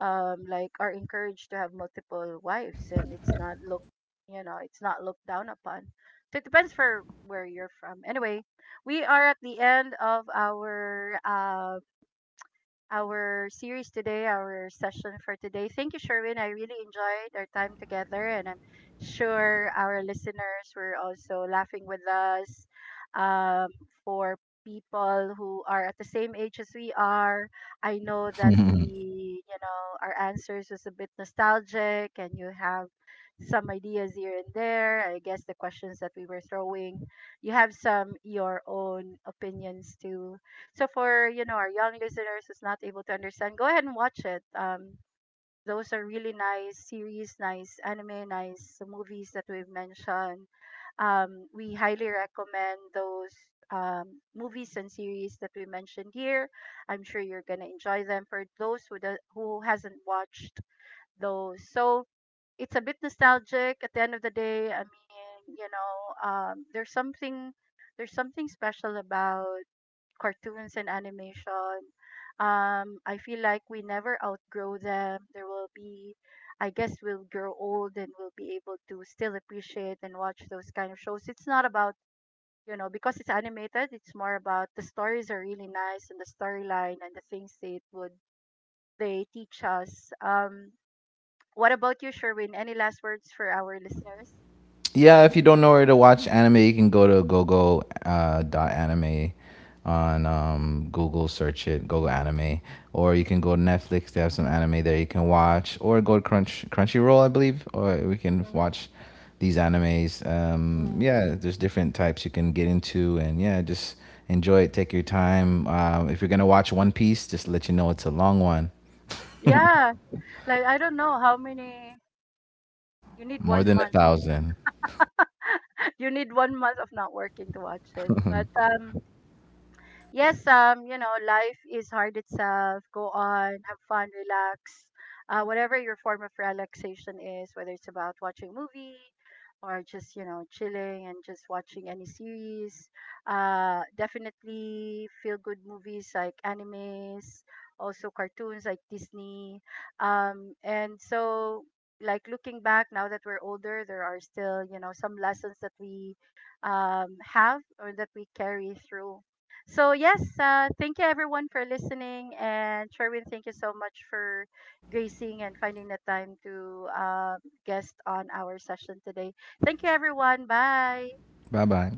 Speaker 1: um, like are encouraged to have multiple wives, and it's not look you know, it's not looked down upon. So it depends for where you're from. Anyway, we are at the end of our series today, our session for today. Thank you, Sherwin. I really enjoyed our time together, and I'm sure our listeners were also laughing with us. Um, for people who are at the same age as we are, I know that you know, our answers was a bit nostalgic, and you have some ideas here and there. I guess the questions that we were throwing, you have some your own opinions too. So for, you know, our young listeners who's not able to understand, go ahead and watch it. Those are really nice series, nice anime, nice movies that we've mentioned. We highly recommend those movies and series that we mentioned here. I'm sure you're gonna enjoy them. For those who do, who hasn't watched those, so it's a bit nostalgic. At the end of the day, I mean, you know, there's something special about cartoons and animation. I feel like we never outgrow them. There will be, I guess, we'll grow old and we'll be able to still appreciate and watch those kind of shows. It's not about, you know, because it's animated, it's more about the stories are really nice and the storyline and the things they teach us. What about you, Sherwin? Any last words for our listeners?
Speaker 2: Yeah, if you don't know where to watch anime, you can go to gogo dot anime on Google, search it, Gogo anime, or you can go to Netflix. They have some anime there you can watch, or go to Crunchyroll, I believe, or we can
Speaker 1: Mm,
Speaker 2: watch these animes.
Speaker 1: mm.
Speaker 2: Yeah, there's different types you can get into, and yeah, just enjoy it. Take your time. If you're gonna watch One Piece, just let you know it's a long one,
Speaker 1: Yeah, like I don't know how many. You need
Speaker 2: more
Speaker 1: one
Speaker 2: than a
Speaker 1: month
Speaker 2: thousand.
Speaker 1: you need one month of not working to watch it. But yes, you know, life is hard itself. Go on, have fun, relax. Whatever your form of relaxation is, whether it's about watching a movie or just, you know, chilling and just watching any series. Definitely feel good movies like animes, also cartoons like Disney. And so, like, looking back now that we're older, there are still, you know, some lessons that we have or that we carry through. So yes, thank you everyone for listening, and Sherwin, thank you so much for gracing and finding the time to guest on our session today. Thank you everyone. Bye.
Speaker 2: Bye bye.